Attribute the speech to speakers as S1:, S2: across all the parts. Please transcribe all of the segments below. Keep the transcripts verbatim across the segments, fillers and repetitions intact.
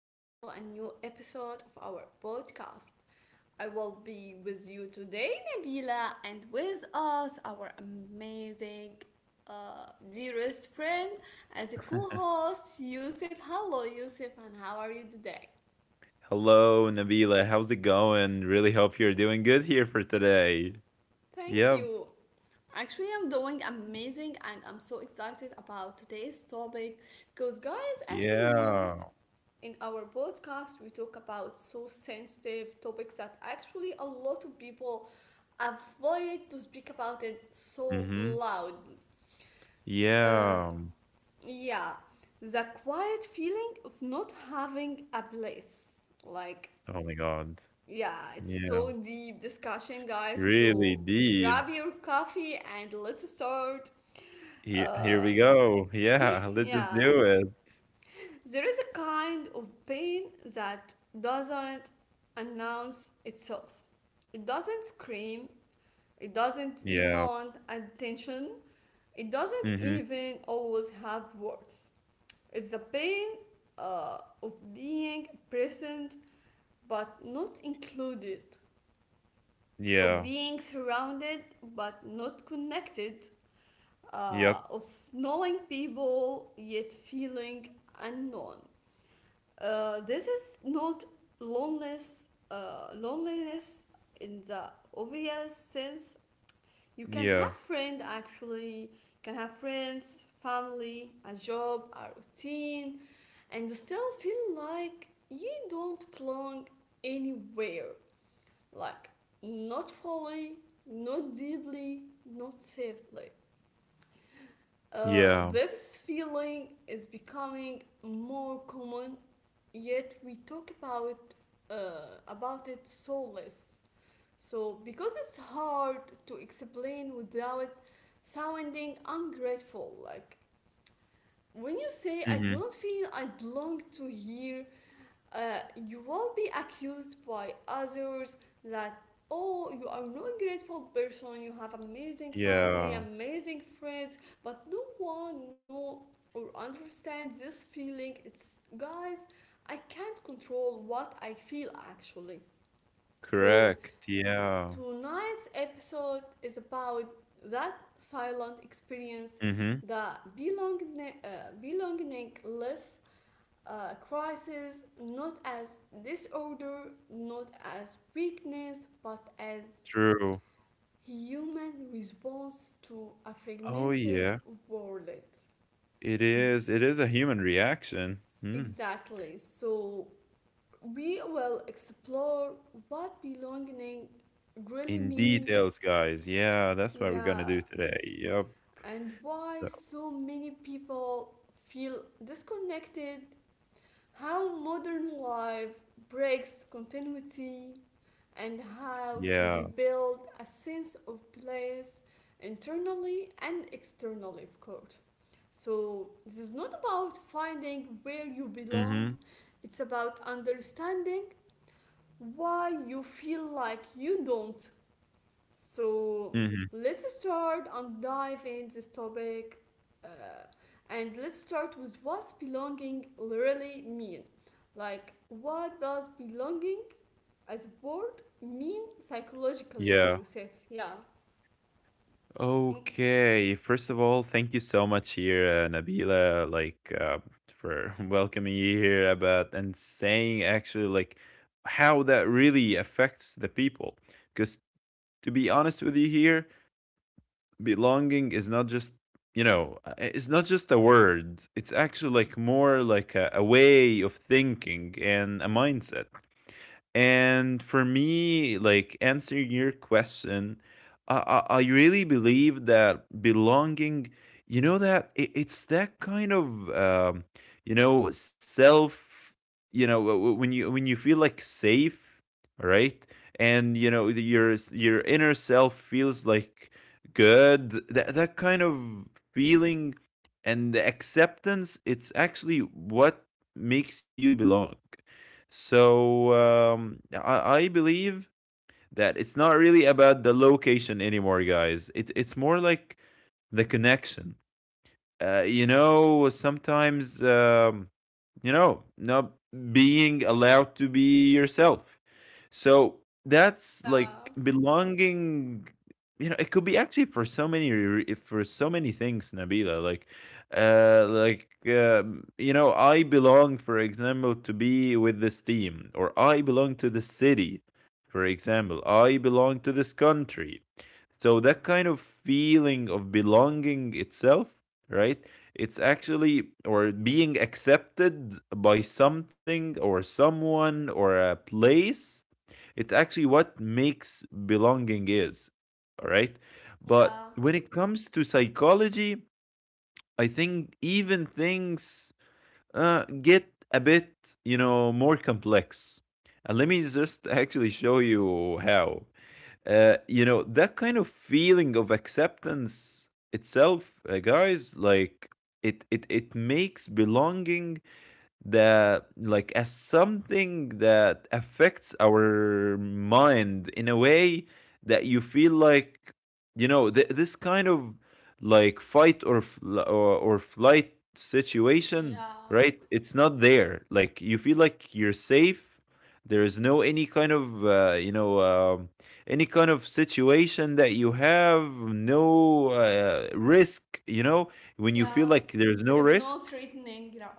S1: back to a new episode of our podcast. I will be with you today, Nabila, and with us, our amazing, uh, dearest friend, as a co host, Yusuf. Hello, Yusuf, and how are you today?
S2: Hello, Nabila. How's it going? Really hope you're doing good here for today.
S1: Thank
S2: Yep.
S1: you. Actually, I'm doing amazing and I'm so excited about today's topic because, guys, as we
S2: Yeah.
S1: used in our podcast, we talk about so sensitive topics that actually a lot of people avoid to speak about it so
S2: Mm-hmm.
S1: loud. Uh,
S2: Yeah.
S1: yeah, the quiet feeling of not having a place. Like,
S2: Oh my God.
S1: yeah, it's
S2: Yeah.
S1: so deep discussion, guys.
S2: Really
S1: So
S2: deep.
S1: grab your coffee and let's start.
S2: Here, here
S1: Uh,
S2: we go. Yeah. Let's just
S1: yeah,
S2: do it.
S1: there is a kind of pain that doesn't announce itself. It doesn't scream. It doesn't
S2: Yeah.
S1: demand attention. It doesn't
S2: Mm-hmm.
S1: even always have words. It's the pain, uh, of being present but not included,
S2: Yeah.
S1: of being surrounded but not connected,
S2: Yep.
S1: uh, of knowing people yet feeling unknown. Uh, this is not loneliness, uh, loneliness in the obvious sense. You can have
S2: Yeah.
S1: friend actually, can have friends, family, a job, a routine, and still feel like you don't belong anywhere, like not fully, not deeply, not safely. Uh,
S2: Yeah.
S1: this feeling is becoming more common, yet we talk about uh, about it so less. So, because it's hard to explain without sounding ungrateful, like when you say, "I
S2: Mm-hmm.
S1: don't feel I belong to here," uh, you won't be accused by others that, oh, you are not a grateful person, you have amazing family,
S2: Yeah.
S1: amazing friends, but no one know or understands this feeling. It's guys, I can't control what I feel, actually. So
S2: Correct. Yeah.
S1: tonight's episode is about that silent experience,
S2: Mm-hmm.
S1: the belonging, uh, belongingless uh, crisis, not as disorder, not as weakness, but as
S2: True.
S1: human response to a
S2: Oh
S1: fragmented
S2: yeah.
S1: world.
S2: It is. It is a human reaction. Mm.
S1: Exactly. So we will explore what belonging really
S2: In
S1: means,
S2: details, guys. Yeah, that's what we're gonna
S1: yeah,
S2: do today. Yep.
S1: and why
S2: So,
S1: so many people feel disconnected, how modern life breaks continuity, and how to
S2: yeah.
S1: rebuild a sense of place, internally and externally, of course. So, this is not about finding where you
S2: Mm-hmm.
S1: belong, it's about understanding why you feel like you don't. So
S2: Mm-hmm.
S1: let's start and dive in this topic, uh, and let's start with what belonging really mean. Like, what does belonging as a word mean psychologically,
S2: Yeah.
S1: Yusuf? Yeah. In-
S2: Okay. First of all, thank you so much here, uh, Nabila, like uh, for welcoming you here about and saying actually like how that really affects the people. Because to be honest with you here, belonging is not just you know uh, it's not just a word, it's actually like more like a, a way of thinking and a mindset. And for me, like answering your question, I, I, I really believe that belonging, you know, that it, it's that kind of, um, you know, self, you know, w- w- when you when you feel like safe, all right, and you know the- your s- your inner self feels like good. That that kind of feeling and the acceptance, it's actually what makes you belong. So um, I, I believe that it's not really about the location anymore, guys. It, it's more like the connection. Uh, you know, sometimes, um, you know, not being allowed to be yourself. So that's
S1: yeah.
S2: like belonging. You know, it could be actually for so many re- for so many things, Nabila. Like, uh, like um, you know, I belong, for example, to be with this team, or I belong to the city, for example. I belong to this country. So that kind of feeling of belonging itself, right? It's actually or being accepted by something or someone or a place, it's actually what makes belonging is. All right. But
S1: Yeah.
S2: when it comes to psychology, I think even things uh, get a bit, you know, more complex. And let me just actually show you how. Uh, you know, that kind of feeling of acceptance itself, uh, guys, like it, it, it makes belonging that like as something that affects our mind in a way that you feel like you know th- this kind of like fight or, fl- or or flight situation,
S1: Yeah.
S2: right? It's not there, like you feel like you're safe. There is no any kind of uh, you know um any kind of situation that you have no uh, risk, you know. When you feel
S1: Yeah.
S2: like there's
S1: There
S2: no
S1: is
S2: risk,
S1: no threatening. Yeah.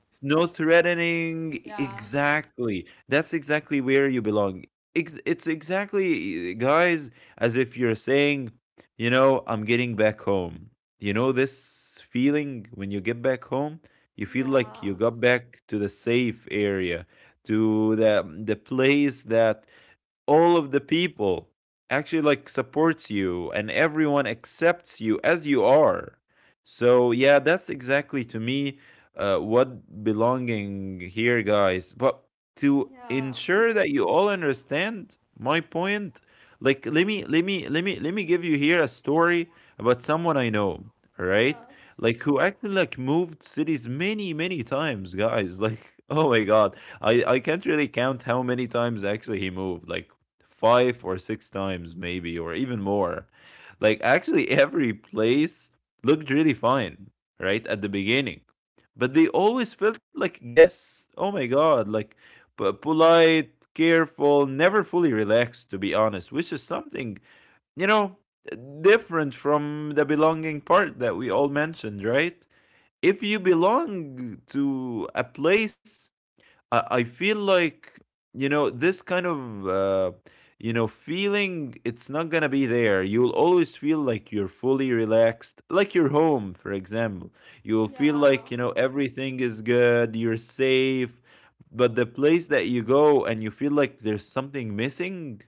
S2: it's no threatening.
S1: Yeah.
S2: Exactly. That's exactly where you belong. Ex- It's exactly, guys, as if you're saying, you know, I'm getting back home. You know, this feeling when you get back home, you feel like you
S1: Yeah.
S2: got back to the safe area, to the, the place that all of the people actually like supports you and everyone accepts you as you are. So yeah, that's exactly to me uh, what belonging here, guys. But to
S1: Yeah.
S2: ensure that you all understand my point, like let me let me let me let me give you here a story about someone I know, all right?
S1: Yes.
S2: Like who actually like moved cities many many times, guys, like oh my God, i i can't really count how many times actually he moved, like five or six times maybe or even more. Like actually every place looked really fine right at the beginning, but they always felt like guests. Oh my God, like but polite, careful, never fully relaxed, to be honest. Which is something, you know, different from the belonging part that we all mentioned, right? If you belong to a place, I, I feel like, you know, this kind of uh, you know feeling, it's not gonna be there. You'll always feel like you're fully relaxed, like you're home, for example. You'll feel like,
S1: Yeah.
S2: you know, everything is good, you're safe. But the place that you go and you feel like there's something missing,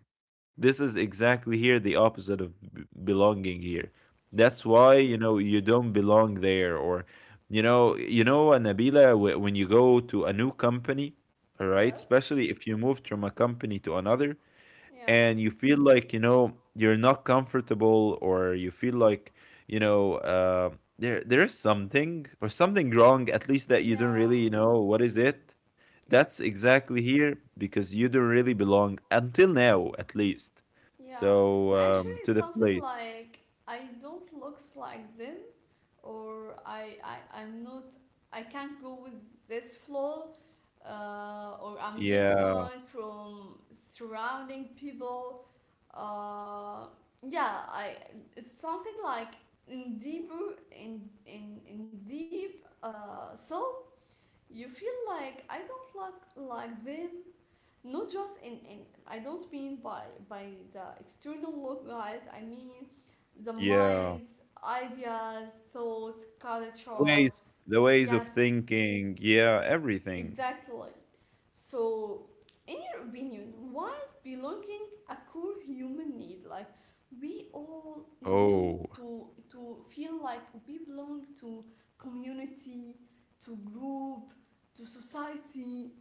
S2: this is exactly here the opposite of b- belonging here. That's
S1: Yes.
S2: why, you know, you don't belong there. Or you know, you know, uh, Nabila, wh- when you go to a new company, all right,
S1: Yes.
S2: especially if you move from a company to another,
S1: Yeah.
S2: and you feel like you know you're not comfortable, or you feel like you know uh, there there is something or something wrong at least that you don't
S1: Yeah.
S2: really know what is it.
S1: Yep.
S2: That's exactly here because you don't really belong until now at least.
S1: Yeah,
S2: So
S1: actually,
S2: um to the
S1: something
S2: place,
S1: like, I don't looks like them, or I, I I'm not. I can't go with this flow, uh, or I'm
S2: yeah.
S1: different from surrounding people. Uh, yeah, I it's something like in deeper in in in deep uh, self. You feel like I don't look like them, not just in, in I don't mean by by the external look, guys, I mean the
S2: Yeah,
S1: minds, ideas, thoughts,
S2: the
S1: culture.
S2: ways, the ways of
S1: Yes,
S2: thinking, yeah, everything.
S1: exactly. So, in your opinion, why is belonging a core human need? Like, we all need
S2: Oh.
S1: to to feel like we belong to community, to group, to society,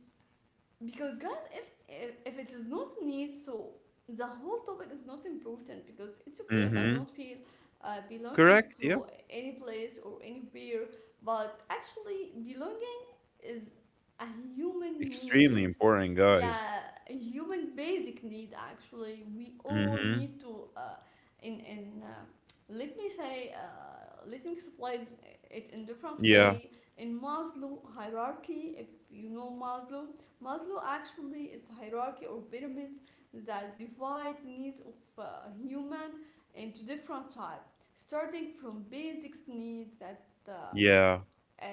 S1: because, guys, if, if if it is not need, so the whole topic is not important because it's okay if I don't
S2: Mm-hmm.
S1: feel uh, belonging
S2: Correct, yeah.
S1: to any place or anywhere. But actually belonging is a human
S2: Extremely
S1: need.
S2: important, guys.
S1: Yeah, a human basic need, actually. We all
S2: Mm-hmm.
S1: need to, uh, in in uh, let me say, uh, let me explain it in different
S2: Yeah.
S1: way. In Maslow hierarchy, if you know Maslow. Maslow actually is hierarchy or pyramids that divide needs of uh, human into different type, starting from basics needs that uh,
S2: Yeah.
S1: uh,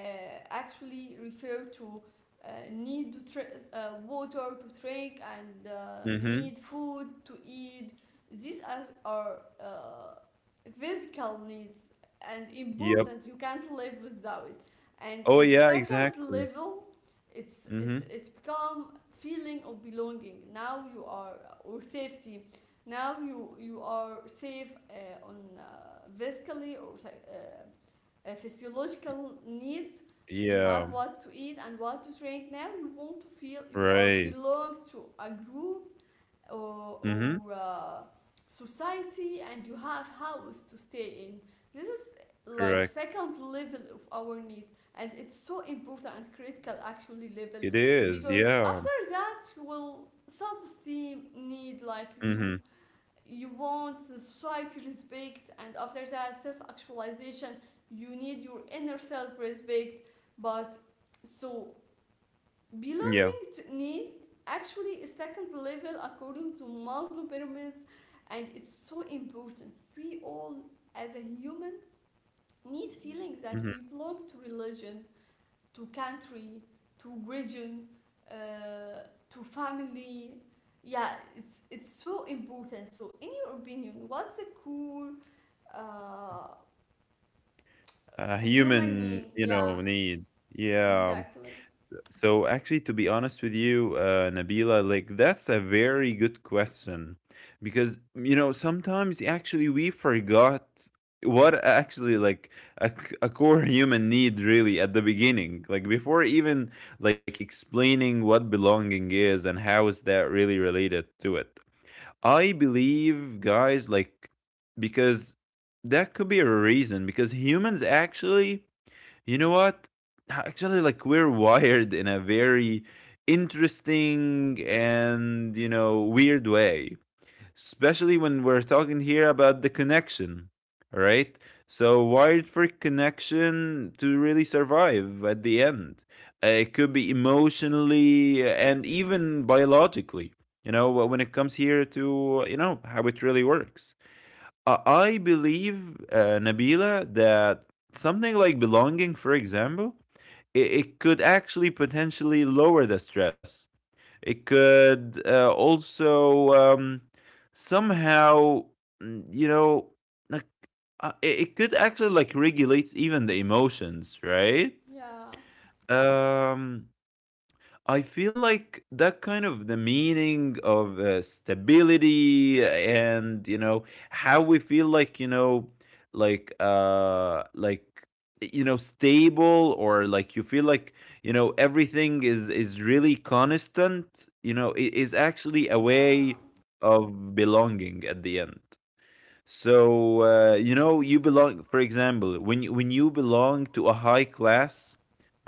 S1: actually refer to uh, need to tra- uh, water to drink, and uh,
S2: Mhm.
S1: need food to eat. These are are uh, physical needs and
S2: Yep.
S1: important. You can't live without it. And
S2: Oh,
S1: in
S2: yeah,
S1: second
S2: exactly.
S1: level, it's
S2: Mhm.
S1: it's it's become feeling of belonging. Now you are, uh, or safety. Now you you are safe, uh, on, uh, physically or uh, uh, physiological needs. You
S2: Yeah.
S1: have what to eat and what to drink. Now you want to feel you are
S2: Right.
S1: belong to a group, or,
S2: Mhm.
S1: or uh, society, and you have house to stay in. This is like
S2: Correct.
S1: second level of our needs, and it's so important and critical actually level,
S2: It is.
S1: because
S2: Yeah.
S1: after that you will self-esteem need, like you
S2: Mhm.
S1: you want the society respect, and after that self-actualization, you need your inner self-respect, but so below
S2: Yeah.
S1: need actually a second level according to Maslow pyramids, and it's so important. We all as a human need feeling that
S2: Mhm.
S1: we belong to religion, to country, to region, uh, to family. Yeah, it's it's so important. So, in your opinion, what's a cool uh,
S2: A
S1: human
S2: human,
S1: need?
S2: you
S1: Yeah,
S2: know, need. Yeah.
S1: exactly.
S2: So actually, to be honest with you, uh, Nabila, like that's a very good question, because you know sometimes actually we forgot what actually like a, c- a core human need really at the beginning, like before even like explaining what belonging is and how is that really related to it. I believe, guys, like because that could be a reason because humans actually, you know what? Actually, like we're wired in a very interesting and, you know, weird way, especially when we're talking here about the connection, right? So, wired for connection to really survive at the end. Uh, It could be emotionally uh, and even biologically, you know, when it comes here to, you know, how it really works. I I believe, uh, Nabila, that something like belonging, for example, it, it could actually potentially lower the stress. It could uh, also um, somehow, mm, you know, like uh, it, it could actually like regulate even the emotions, right?
S1: Yeah,
S2: Um, I feel like that kind of the meaning of uh, stability, and you know how we feel like you know like uh like you know stable, or like you feel like you know everything is is really constant, you know, i- is actually a way
S1: yeah,
S2: of belonging at the end. So uh, you know, you
S1: yes,
S2: belong. For example, when you, when you belong to a high class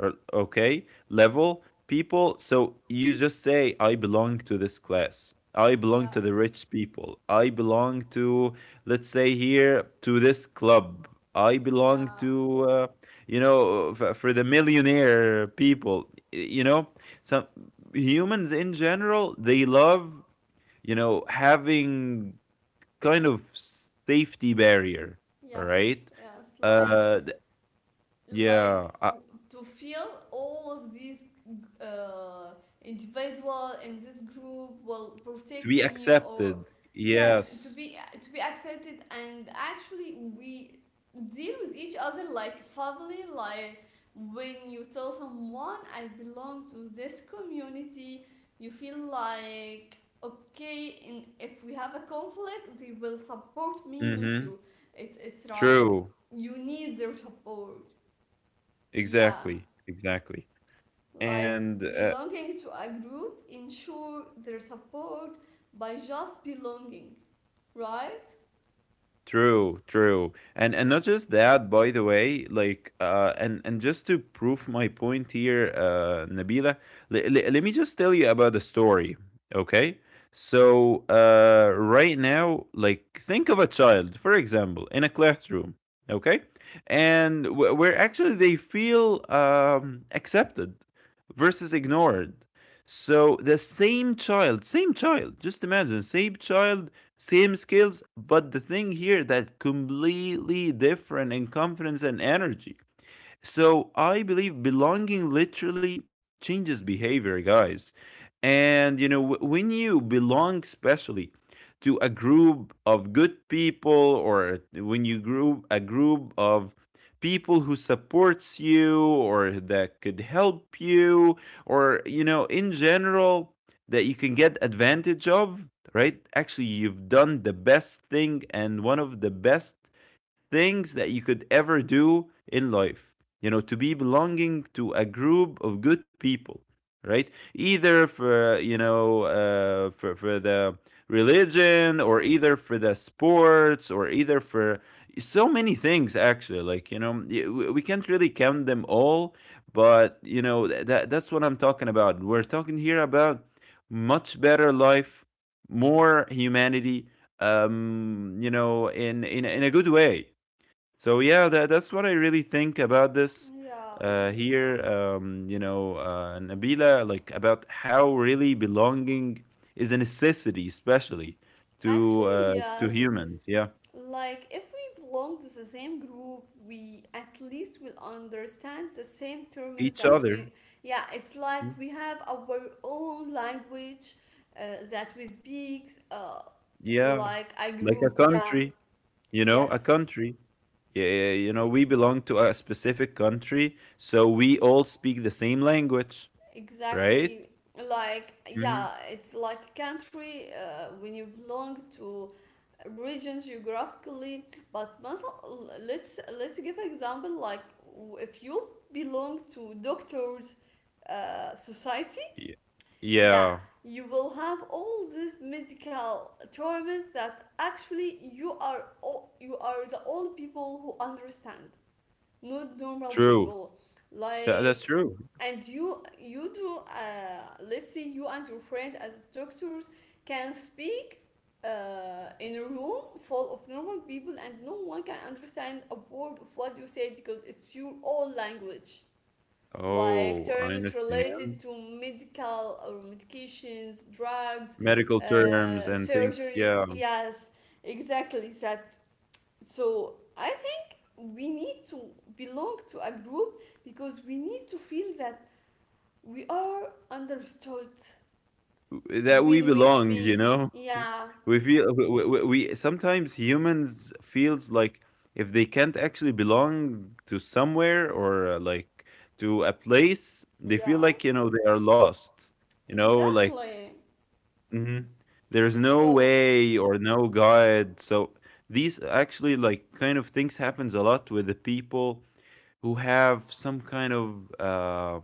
S2: or okay level people, so you just say, "I belong to this class. I belong to the
S1: yes,
S2: rich people. I belong to, let's say here, to this club. I belong
S1: yeah,
S2: to, uh, you know, uh, for, for the millionaire people. You know,
S1: yeah.
S2: some humans in general they love." You know, having kind of safety barrier, all
S1: Yes,
S2: right?
S1: yes. Like
S2: Uh, th- yeah,
S1: like
S2: uh,
S1: to feel all of these uh, individual in this group will
S2: to
S1: protect
S2: be
S1: me, or
S2: accepted.
S1: yes, to
S2: Yes.
S1: be to be accepted, and actually we deal with each other like family, like when you tell someone I belong to this community, you feel like, okay, and if we have a conflict they will support me, not
S2: Mm-hmm.
S1: you. It's it's like
S2: True.
S1: you need their support. Yeah,
S2: Exactly. Exactly.
S1: like
S2: And uh,
S1: belonging to a group ensure their support by just belonging, right?
S2: true, true. And
S1: Yeah.
S2: and not just that, by the way, like uh and and just to prove my point here, uh Nabila, le- le- let me just tell you about the story, okay? So, uh right now, like think of a child, for example, in a classroom, okay? And wh- where actually they feel um accepted versus ignored. So the same child, same child, just imagine, same child, same skills, but the thing here that completely different in confidence and energy. So I believe belonging literally changes behavior, guys. And you know, wh- when you belong, especially to a group of good people, or when you group a group of people who supports you or that could help you or you know in general that you can get advantage of, right? Actually you've done the best thing and one of the best things that you could ever do in life. You know, to be belonging to a group of good people, right? Either for you know uh, for for the religion, or either for the sports, or either for so many things, actually like you know y- w- we can't really count them all. But you know that that's what I'm talking about. We're talking here about much better life, more humanity, um you know, in in in a good way. So yeah, that that's what I really think about this
S1: Yeah.
S2: uh, here. Um, you know, uh, Nabila, like about how really belonging is a necessity, especially to
S1: Actually,
S2: uh, to
S1: yes.
S2: humans. Yeah,
S1: Like, if we belong to the same group, we at least will understand the same terms
S2: each
S1: that
S2: other.
S1: we, yeah, it's like
S2: Mm.
S1: we have our own language uh, that we speak, uh,
S2: Yeah,
S1: like a
S2: like a
S1: group. Yeah.
S2: country. You know, a
S1: Yes.
S2: country. Yeah, yeah, yeah, you know, we belong to a specific country, so we all speak the same language, right?
S1: Exactly. Like,
S2: Mhm.
S1: yeah, it's like a country uh, when you belong to regions geographically. But مثلا, let's let's give an example. Like, w- if you belong to doctors' uh, society,
S2: Yeah.
S1: yeah,
S2: Yeah,
S1: you will have all these medical terms that actually you are all, you are the only people who understand, not normal
S2: true.
S1: people,
S2: Tha- that's
S1: like.
S2: true.
S1: And you you do, uh, let's say you and your friend as doctors can speak uh, in a room full of normal people, and no one can understand a word of what you say because it's your own language, like
S2: Oh, I
S1: terms related to
S2: understand.
S1: medical or medications, drugs,
S2: Medical terms
S1: uh,
S2: and things,
S1: surgeries.
S2: yeah,
S1: Yes, exactly that. So I think we need to belong to a group because we need to feel that we are understood
S2: that we
S1: when we
S2: belong, you
S1: speak.
S2: know?
S1: Yeah,
S2: We feel we w- w- we sometimes humans feels like if they can't actually belong to somewhere or uh, like to a place, they feel
S1: yeah,
S2: like, you know, they are lost. You know, like
S1: exactly.
S2: hmm there's no
S1: So,
S2: way or no guide. So these actually like kind of things happens a lot with the people who have some kind of uh,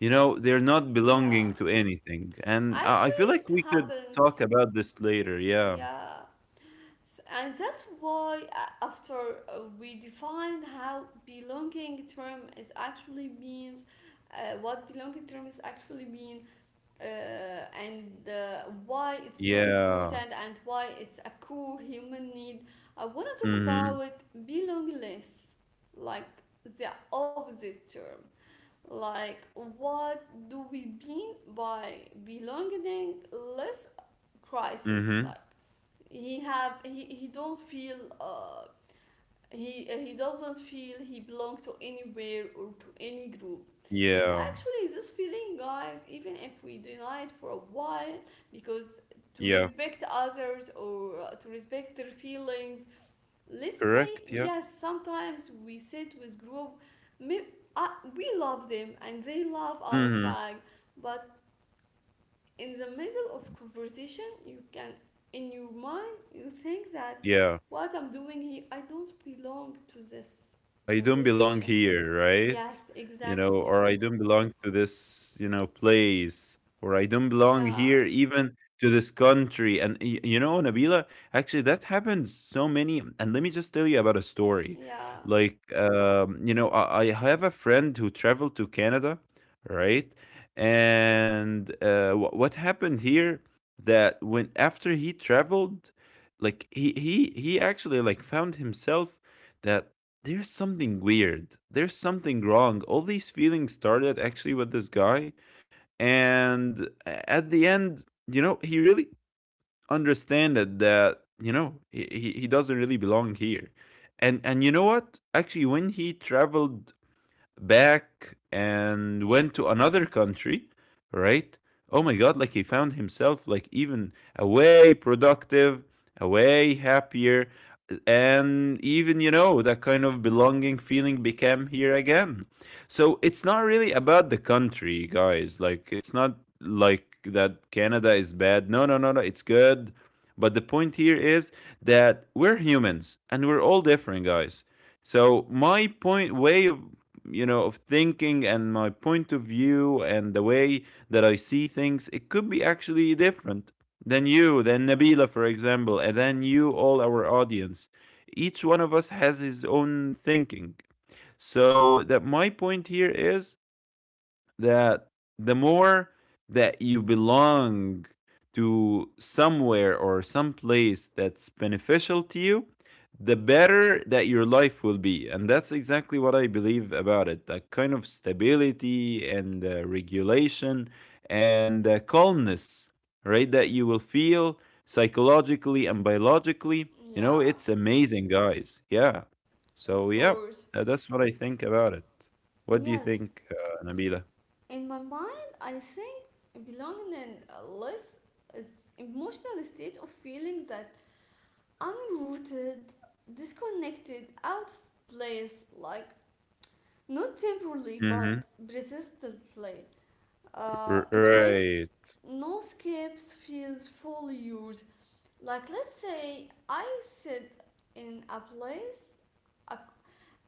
S2: you know they're not
S1: yeah,
S2: belonging to anything, and i I feel
S1: actually,
S2: like
S1: it
S2: we could talk
S1: happens.
S2: about this later. Yeah.
S1: Yeah. S- And that's why, uh, after, uh, we define how belonging term is actually means, uh, what belonging term is actually mean, uh, and uh, why it's so important
S2: Yeah.
S1: and why it's a core human need. I want to talk
S2: Mm-hmm.
S1: about belongingness, like the opposite term. Like, what do we mean by belongingless crisis? Like,
S2: Mm-hmm.
S1: he have he, he don't feel, uh, he uh, he doesn't feel he belongs to anywhere or to any group. And
S2: Yeah.
S1: actually this feeling, guys, even if we deny it for a while, because to
S2: Yeah.
S1: respect others, or uh, to respect their feelings, let's say,
S2: Correct, yeah.
S1: yes, sometimes we sit with group, may, uh, we love them and they love us
S2: Mm-hmm.
S1: back. But in the middle of conversation you can in your mind you think that,
S2: Yeah.
S1: what I'm doing here? I don't belong to this
S2: I don't belong
S1: conversation.
S2: here, right?
S1: Yes,
S2: You know,
S1: exactly.
S2: or I don't belong to this, you know, place, or I don't belong
S1: Yeah,
S2: here even to this country. And y- you know, Nabila, actually that happened so many. And let me just tell you about a story.
S1: yeah,
S2: Like, um, you know, I, I have a friend who traveled to Canada, right? And uh, wh- what happened here that when after he traveled, like he he he actually like found himself that there's something weird. There's something wrong. All these feelings started actually with this guy. And at the end, you know, he really understood that, you know, he, he, he doesn't really belong here. And and you know what? Actually, when he traveled back and went to another country, right? Oh my God, like he found himself like even away productive, away happier, and even you know that kind of belonging feeling became here again. So it's not really about the country, guys. Like it's not like that Canada is bad. No, no, no, no, it's good. But the point here is that we're humans and we're all different, guys. So my point way of you know of thinking and my point of view and the way that I see things, it could be actually different than you, than Nabila, for example, and then you, all our audience. Each one of us has his own thinking. So that my point here is that the more that you belong to somewhere or some place that's beneficial to you, the better that your life will be. And that's exactly what I believe about it that kind of stability and uh, regulation and uh, calmness, right? That you will feel psychologically and biologically. You know,
S1: yeah,
S2: it's amazing, guys. Yeah.
S1: of
S2: So, yeah,
S1: course.
S2: uh, that's what I think about it. What do you
S1: Yes.
S2: think, uh, Nabila?
S1: In my mind I think belonging in a less is emotional state of feeling that unrooted, disconnected, out of place, like not temporarily but
S2: Mhm.
S1: persistently.
S2: R
S1: Uh, it, when
S2: right.
S1: no escapes feels fully used. Like, let's say I sit in a place, a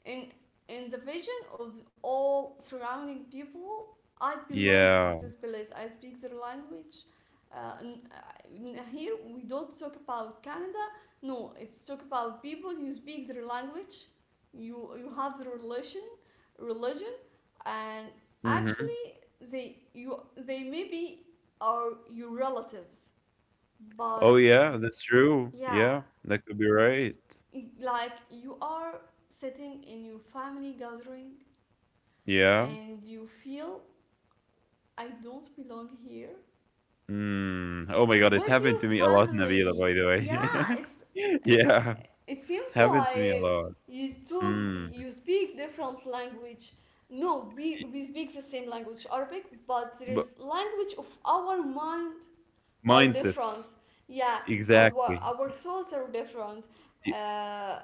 S1: in in the vision of all surrounding people, I belong to
S2: Yeah.
S1: this place. I speak their language. Uh, and, uh, here we don't talk about Canada. No, it's talk about people. You speak their language. You you have the relation, religion, and
S2: Mhm.
S1: actually they you they maybe are your relatives,
S2: Oh,
S1: but
S2: yeah, that's true. Yeah,
S1: yeah,
S2: that could be right.
S1: like you are sitting in your family gathering
S2: Yeah.
S1: and you feel I don't belong here,
S2: Mm. Oh my god, it
S1: with
S2: happened
S1: your
S2: to me a lot, Nabila,
S1: family.
S2: by the
S1: Yeah,
S2: way.
S1: it's it,
S2: Yeah,
S1: it seems
S2: happened to me a
S1: like
S2: lot.
S1: you two
S2: Mm.
S1: you speak different language. No, we,
S2: Y
S1: we speak the same language, Arabic, but there is
S2: but
S1: language of our mind are
S2: mindsets.
S1: different. Yeah, our
S2: Exactly.
S1: our thoughts are different.
S2: Y
S1: Uh,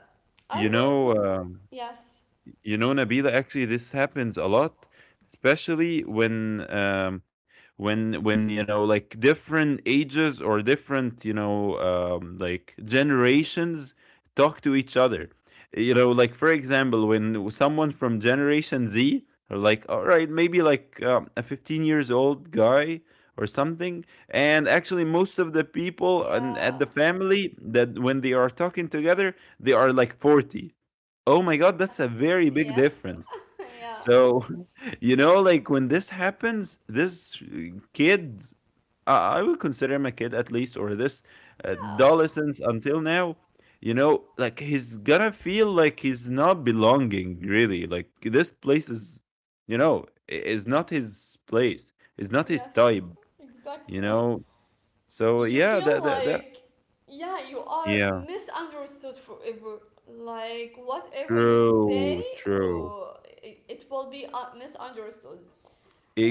S1: I
S2: you
S1: don't
S2: know,
S1: know.
S2: um
S1: Yes.
S2: you know, Nabila, actually, this happens a lot, especially when, um, when, when you know, like different ages or different, you know, um, like generations talk to each other. You know, like for example, when someone from Generation Z, or like, all right, maybe like um, a fifteen years old guy or something, and actually most of the people and at
S1: Yeah.
S2: the family that when they are talking together, they are like forty. Oh my god, that's a
S1: Yes.
S2: very big
S1: Yes.
S2: difference.
S1: Yeah.
S2: So, you know, like when this happens, this uh, kid, I, I would consider him a kid at least, or this
S1: Yeah.
S2: adolescence until now, you know, like he's gonna feel like he's not belonging, really. Like this place is, you know, i- is not his place, it's not his
S1: Yes,
S2: type, you
S1: exactly.
S2: know? So,
S1: You
S2: yeah,
S1: feel
S2: that, that, that,
S1: like, yeah, you are
S2: yeah,
S1: misunderstood forever. Like, whatever you say,
S2: true, true.
S1: uh, it, it will be uh, misunderstood.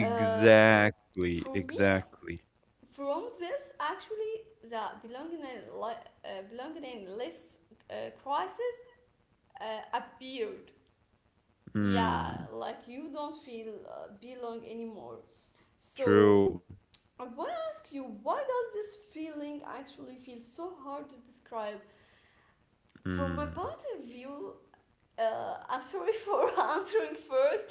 S1: Uh, for me,
S2: exactly.
S1: from this, actually, the belonging, li- uh, belongingless uh, crisis uh, appeared. Yeah,
S2: Hmm.
S1: like you don't feel uh, belong anymore. So
S2: True.
S1: I want to ask you, why does this feeling actually feel so hard to describe? From my
S2: Mm.
S1: point of view, uh, I'm sorry for answering first,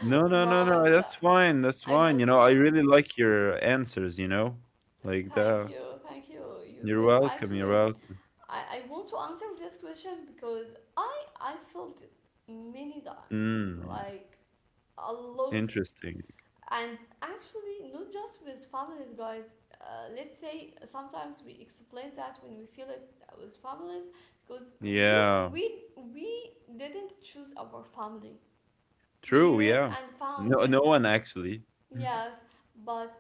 S2: No, no, no, no.
S1: but
S2: That's
S1: uh,
S2: fine. That's
S1: I
S2: fine. You
S1: don't
S2: know, I
S1: know.
S2: really like your answers, you know? Like
S1: Thank
S2: that.
S1: you, thank you,
S2: You're
S1: Yusuf.
S2: welcome. You're
S1: Actually,
S2: welcome.
S1: I, I want to answer this question because I I felt it many times,
S2: Mm.
S1: like a lot.
S2: Interesting.
S1: And actually not just with families, guys. Uh, let's say sometimes we explain that when we feel it with families because you
S2: Yeah.
S1: we we didn't choose our family, we
S2: True.
S1: raised
S2: Yeah.
S1: and found them.
S2: No, no one actually.
S1: Yes, but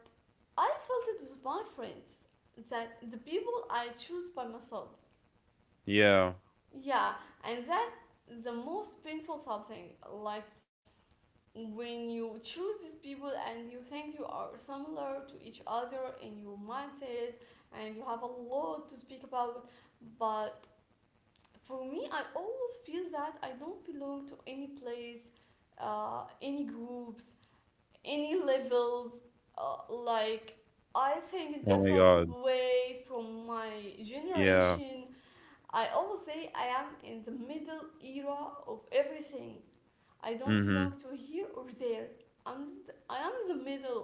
S1: I felt it with my friends, that the people I choose by myself.
S2: Yeah.
S1: Yeah. And that the most painful something like when you choose these people and you think you are similar to each other in your mindset and you have a lot to speak about. But for me, I always feel that I don't belong to any place, uh, any groups, any levels, uh, like I think a
S2: Oh my
S1: different
S2: God.
S1: way from my
S2: Yeah.
S1: generation. I always say I am in the middle era of everything. I don't belong
S2: Mm-hmm.
S1: to here or there. I'm I am in the middle.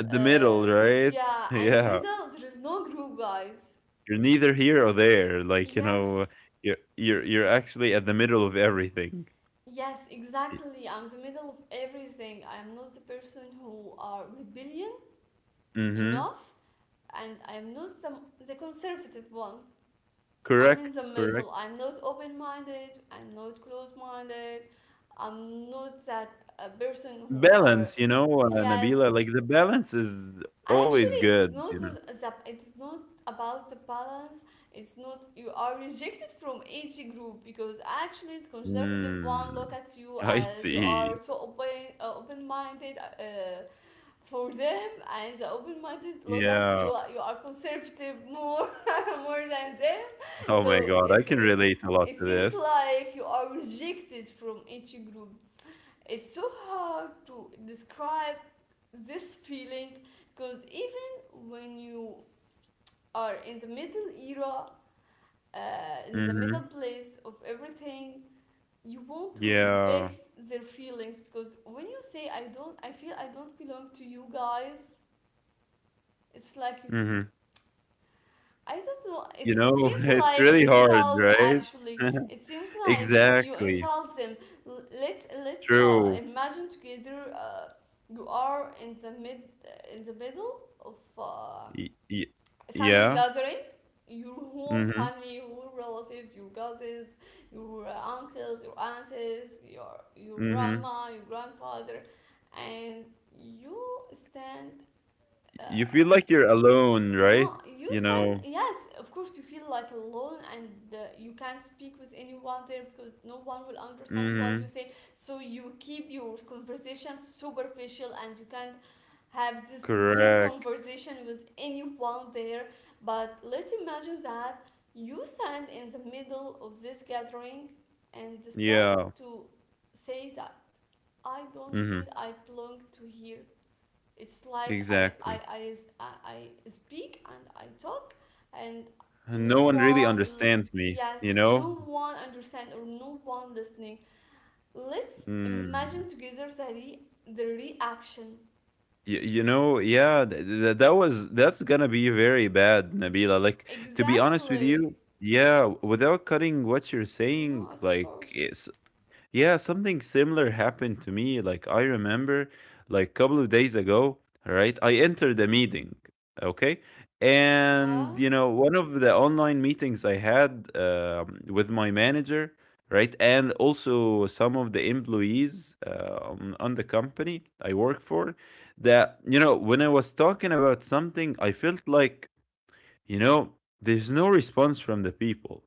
S2: At the
S1: Uh,
S2: middle, right?
S1: yeah, and the
S2: Yeah.
S1: middle there is no group, guys.
S2: You're neither here or there. Like, you know,
S1: Yes,
S2: you're you're you're actually at the middle of everything.
S1: yes, exactly. I'm the middle of everything. I am not the person who are rebellion
S2: Mm-hmm.
S1: enough, and I am not the, the conservative one. I'm in the
S2: Correct. Correct.
S1: middle. I'm not open-minded. I'm not close-minded. I'm not that a person who are.
S2: Balance, you know, uh, Nabila,
S1: Yes,
S2: like the balance is always
S1: actually it's
S2: good, you
S1: not
S2: know.
S1: the, the it's not about the balance. It's not you are rejected from each group, because actually the conservative one look
S2: Mm,
S1: at you
S2: I
S1: as you are
S2: see.
S1: so open, uh, open-minded, uh, for them, and the open-minded look at
S2: Yeah.
S1: you, you are conservative more, more than them.
S2: Oh my
S1: So
S2: God, I
S1: it's
S2: can
S1: it's
S2: relate a lot
S1: it
S2: to
S1: seems
S2: this.
S1: like you are rejected from each group. It's so hard to describe this feeling, because even when you are in the middle era, uh, in the middle
S2: Hmm.
S1: place of everything, you want to respect
S2: Yeah.
S1: their feelings, because when you say I don't, I feel I don't belong to you guys, it's like you,
S2: Hmm.
S1: I don't know.
S2: You
S1: It, it
S2: know,
S1: seems
S2: it's
S1: like
S2: really hard,
S1: insult.
S2: right?
S1: Actually, it seems like you
S2: Exactly.
S1: insult them. L- let's let's uh,
S2: True.
S1: imagine together. Uh, you are in the mid uh, in the middle of uh,
S2: Y y
S1: a family
S2: yeah.
S1: gathering. Your whole
S2: Mm-hmm.
S1: family, your relatives, your cousins, your uh, uncles, your aunties, your your
S2: Mm-hmm.
S1: grandma, your grandfather, and you stand. Uh,
S2: You feel like you're alone, right?
S1: no,
S2: You
S1: you stand.
S2: know.
S1: Yes, of course, you feel like alone, and uh, you can't speak with anyone there because no one will understand what
S2: Mm-hmm.
S1: you say. So you keep your conversation superficial and you can't have this deep
S2: Correct.
S1: conversation with anyone there. But let's imagine that you stand in the middle of this gathering and start
S2: Yeah.
S1: to say that I don't feel
S2: Mm-hmm.
S1: I belong to here. It's like I I
S2: Exactly.
S1: I I speak and I talk, and
S2: And no
S1: no
S2: one really
S1: one,
S2: understands me,
S1: yeah,
S2: you know?
S1: no one understand or no one listening. Let's
S2: Mm.
S1: imagine together the, re- the reaction.
S2: Y you know, yeah, th th that was that's gonna be very bad, Nabila. Like, to be honest with
S1: Exactly.
S2: you, yeah, without cutting what you're
S1: No,
S2: saying,
S1: of
S2: like,
S1: course.
S2: it's yeah, something similar happened to me. Like I remember, like couple of days ago, right? I entered a meeting, okay, and
S1: Yeah,
S2: you know one of the online meetings I had um, with my manager, right, and also some of the employees um, on the company I work for. That you know when I was talking about something, I felt like you know there's no response from the people.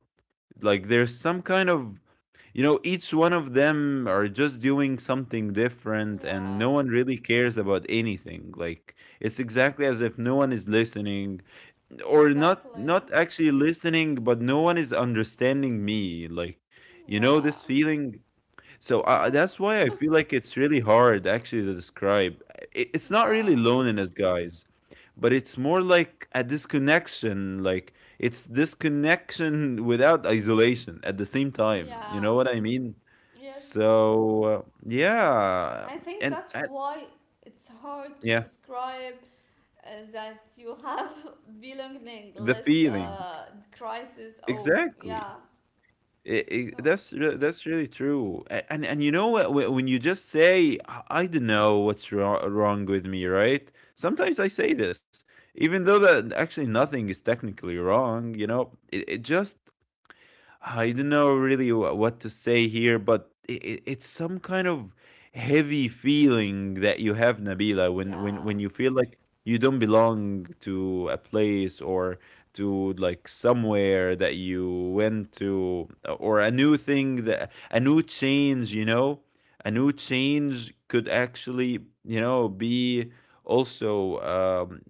S2: Like there's some kind of you know each one of them are just doing something different and
S1: yeah,
S2: no one really cares about anything like it's exactly as if no one is listening or not
S1: exactly.
S2: not actually listening but no one is understanding me like you know
S1: Yeah,
S2: this feeling so uh, that's
S1: yes,
S2: why I feel like it's really hard actually to describe. I- It's not really
S1: yeah,
S2: loneliness, guys, but it's more like a disconnection. Like it's disconnection without isolation at the same time. You
S1: yeah,
S2: know what I mean?
S1: yes.
S2: So uh, yeah,
S1: I think
S2: and
S1: that's
S2: uh,
S1: why it's hard to
S2: yeah,
S1: describe uh, that you have
S2: the
S1: belongingless
S2: feeling
S1: uh, crisis. Oh,
S2: exactly.
S1: yeah.
S2: I- I-
S1: So,
S2: that's re- that's really true A- and and you know what wh- when you just say i I don't know what's wrong, wrong with me right sometimes I say this even though that actually nothing is technically wrong you know it, it just I don't know really wh- what to say here, but it, it's some kind of heavy feeling that you have, Nabila, when when
S1: yeah,
S2: when you feel like you don't belong to a place or to like somewhere that you went to or a new thing that a new change, you know, a new change could actually, you know, be also um,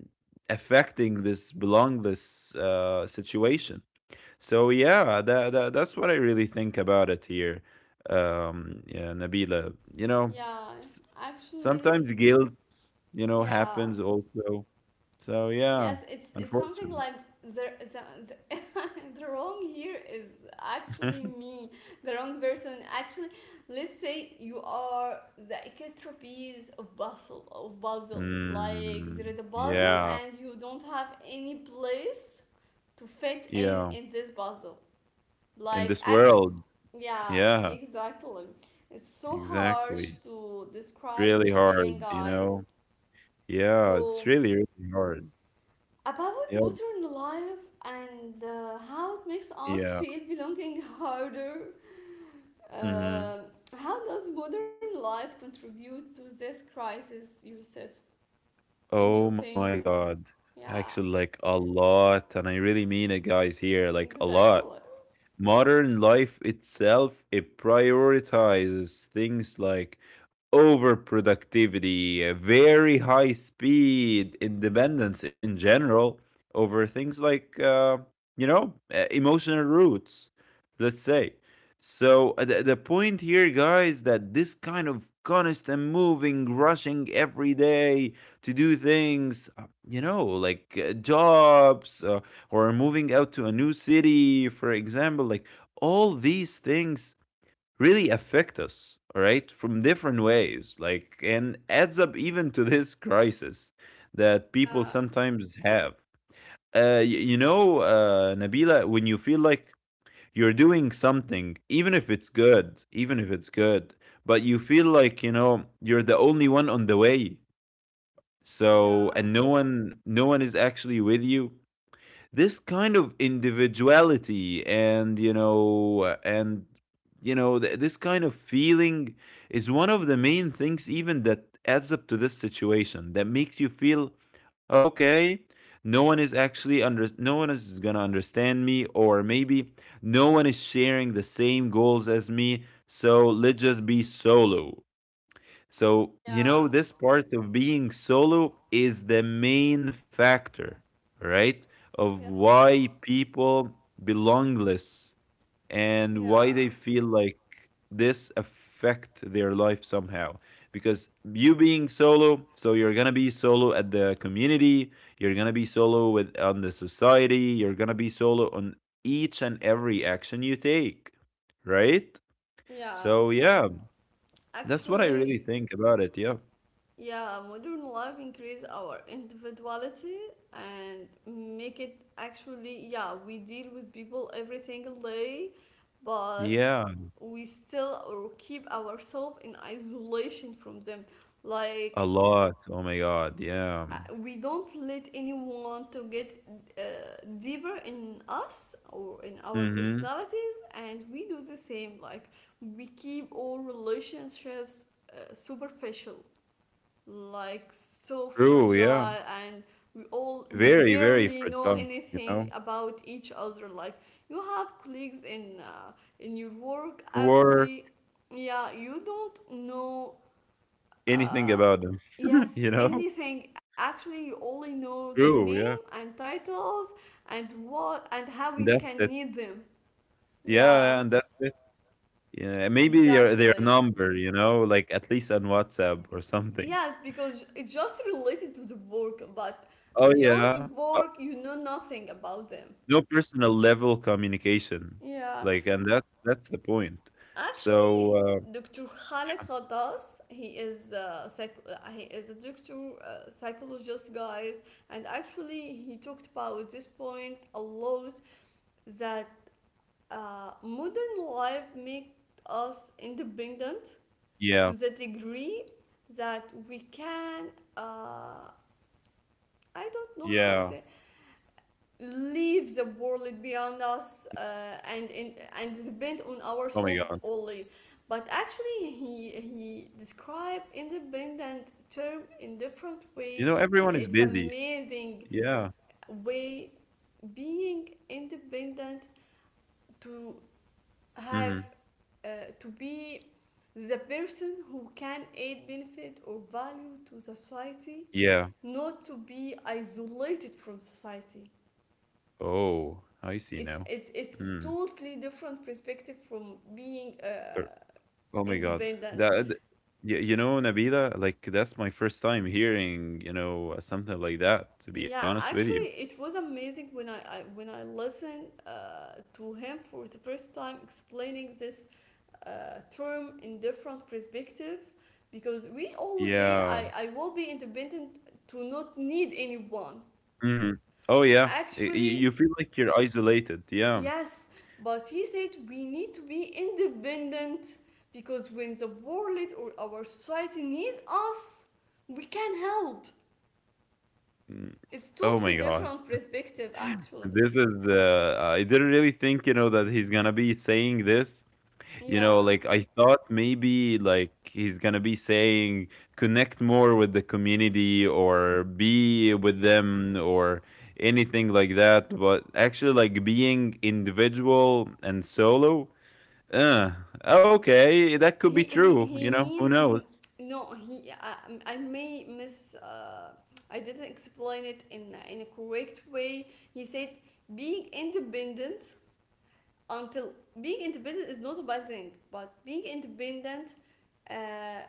S2: affecting this belongless uh, situation. So yeah, that, that that's what I really think about it here, um, yeah, Nabila. You know,
S1: yeah.
S2: s-
S1: Actually,
S2: sometimes guilt, you know,
S1: yeah.
S2: happens also. So yeah,
S1: Yes, it's it's something
S2: unfortunately.
S1: like the the, the, the wrong here is actually me, the wrong person. Actually, let's say you are the extra piece of puzzle of puzzle. Like
S2: Mm,
S1: there is a puzzle
S2: yeah,
S1: and you don't have any place to fit in
S2: yeah.
S1: in this puzzle.
S2: In
S1: Like,
S2: this
S1: actually,
S2: world,
S1: yeah,
S2: yeah,
S1: exactly. It's so harsh
S2: exactly.
S1: to describe
S2: Really
S1: this feeling,
S2: hard, you
S1: guys.
S2: know. Yeah, it's
S1: So,
S2: really really hard.
S1: about
S2: Yep.
S1: modern life and uh, how it makes us
S2: Yeah.
S1: feel belonging harder.
S2: Mhm.
S1: Um how does modern life contribute to this crisis, Yusuf, in your
S2: Oh
S1: opinion?
S2: my God.
S1: Yeah,
S2: Actually, like a lot. And I really mean it, guys, here. Like a
S1: exactly.
S2: lot. Modern life itself it prioritizes things like overproductivity, uh, very high speed, independence in general, over things like uh, you know uh, emotional roots. Let's say. So uh, the, the point here, guys, that this kind of constant moving, rushing every day to do things, uh, you know, like uh, jobs, uh, or moving out to a new city, for example. Like all these things really affect us, all right, from different ways, like, and adds up even to this crisis that
S1: Yeah,
S2: people sometimes have. Uh, y- you know, uh, Nabila, when you feel like you're doing something, even if it's good, even if it's good, but you feel like, you know, you're the only one on the way.
S1: yeah,
S2: So, and no one, no one is actually with you this kind of individuality and you know and you know th- this kind of feeling is one of the main things even that adds up to this situation that makes you feel okay no one is actually under no one is gonna understand me or maybe no one is sharing the same goals as me so let's just be solo so, you
S1: yeah,
S2: know, this part of being solo is the main factor, right? Of
S1: yes,
S2: why people belongless and why
S1: yeah,
S2: they feel like this affect their life somehow. Because you being solo, so you're gonna be solo at the community, you're gonna be solo with on the society, you're gonna be solo on each and every action you take, right?
S1: yeah.
S2: So yeah, that's what I really
S1: Actually,
S2: think about it. Yeah.
S1: yeah, modern life increase our individuality and make it actually, yeah, we deal with people every single day, but
S2: Yeah,
S1: we still or keep ourselves in isolation from them.
S2: a
S1: Like
S2: lot. Oh my God. Yeah.
S1: uh, we don't let anyone to get uh, deeper in us or in our
S2: Mhm.
S1: personalities, and we do the same. Like we keep all relationships uh, superficial, like so
S2: True. Yeah.
S1: fragile, and we all we
S2: Very, very
S1: barely know
S2: fragile, you
S1: anything
S2: know,
S1: about each other. Like you have colleagues in uh, in your work.
S2: or
S1: Actually, yeah, you don't know
S2: anything
S1: uh,
S2: about them,
S1: yes,
S2: you know?
S1: anything. Actually, you only know their
S2: True.
S1: name
S2: Yeah.
S1: and titles and what and how you
S2: And that's
S1: can need
S2: it.
S1: them.
S2: Yeah.
S1: Yeah,
S2: Yeah, and that's it. Yeah. Maybe their, their
S1: exactly.
S2: number, you know, like at least on WhatsApp or something.
S1: Yes, because it's just related to the work, but
S2: Oh,
S1: beyond the
S2: yeah.
S1: work,
S2: But
S1: you know nothing about them.
S2: no personal level communication.
S1: Yeah,
S2: Like, and that, that's the point. So,
S1: actually,
S2: uh,
S1: Doctor Khaled
S2: yeah.
S1: Khaldas, he is a psych- uh, he is a doctor, uh, psychologist, guys, and actually, he talked about this point a lot. That uh, modern life makes
S2: Yeah.
S1: us independent to the degree that we can. Uh,
S2: Yeah.
S1: I don't know how the leave the world beyond us, uh, and, and
S2: Oh
S1: and
S2: my
S1: depend
S2: God.
S1: on ourselves only. But actually he he described independent term in
S2: You know,
S1: different
S2: everyone is
S1: way,
S2: busy.
S1: and it's
S2: Yeah.
S1: amazing way. Being independent to
S2: Mhm.
S1: have uh, to be the person who can add benefit or value to society,
S2: Yeah.
S1: not to be isolated from society.
S2: Oh, I see
S1: it's
S2: now.
S1: it's it's
S2: Mm.
S1: totally different perspective from being uh,
S2: Cor- Oh my god.
S1: independent.
S2: That th- y- you know, Nabila, like that's my first time hearing, you know, something like that, to be
S1: Yeah,
S2: honest with you.
S1: actually it was amazing when i, I when i listened uh, to him for the first time explaining this uh, term in different perspective, because we always say
S2: Yeah.
S1: i i will be independent to not need anyone.
S2: Hmm. Oh yeah. Y- y- you
S1: Actually,
S2: feel like you're isolated. Yeah.
S1: yes, but he said we need to be independent because when the world or our society need us, we can help.
S2: Mm.
S1: It's
S2: Oh
S1: totally
S2: my god.
S1: different perspective actually.
S2: This is uh I didn't really think, you know, that he's gonna be saying this, you know,
S1: Yeah.
S2: like I thought maybe like he's gonna be saying connect more with the community or be with them or anything like that, but actually like being individual and solo, uh, okay, that could be
S1: He he,
S2: true,
S1: he
S2: you know, who
S1: mean
S2: knows?
S1: no, he, I, I may miss uh, I didn't explain it in in a correct way. He said being independent until being independent is not a bad thing, but being independent, uh,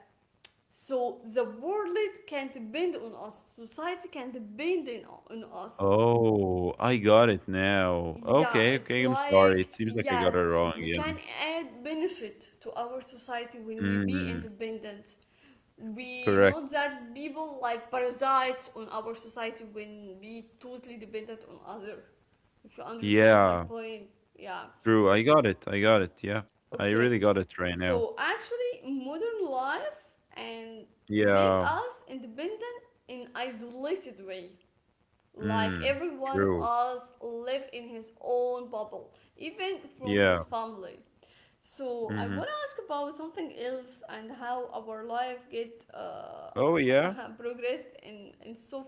S1: so the world can depend on us, society can depend in, on us.
S2: Oh, I got it now.
S1: Yeah,
S2: Okay,
S1: it's
S2: okay, I'm sorry.
S1: like,
S2: It seems like I
S1: yes,
S2: got it wrong,
S1: we
S2: yeah.
S1: can add benefit to our society when we be
S2: Mm,
S1: independent. We
S2: correct.
S1: not that people like parasites on our society when be totally dependent on other. If you understand
S2: Yeah,
S1: my point, yeah.
S2: true. I got it. I got it. Yeah. I really
S1: Okay,
S2: got it right now.
S1: so actually, modern life and make
S2: Yeah.
S1: us independent in isolated way, like
S2: Mm.
S1: every one of
S2: True.
S1: us live in his own bubble, even from his
S2: Yeah.
S1: family. So I want
S2: Mhm.
S1: to ask about something else and how our life get uh,
S2: Oh, yeah.
S1: progressed in in so f-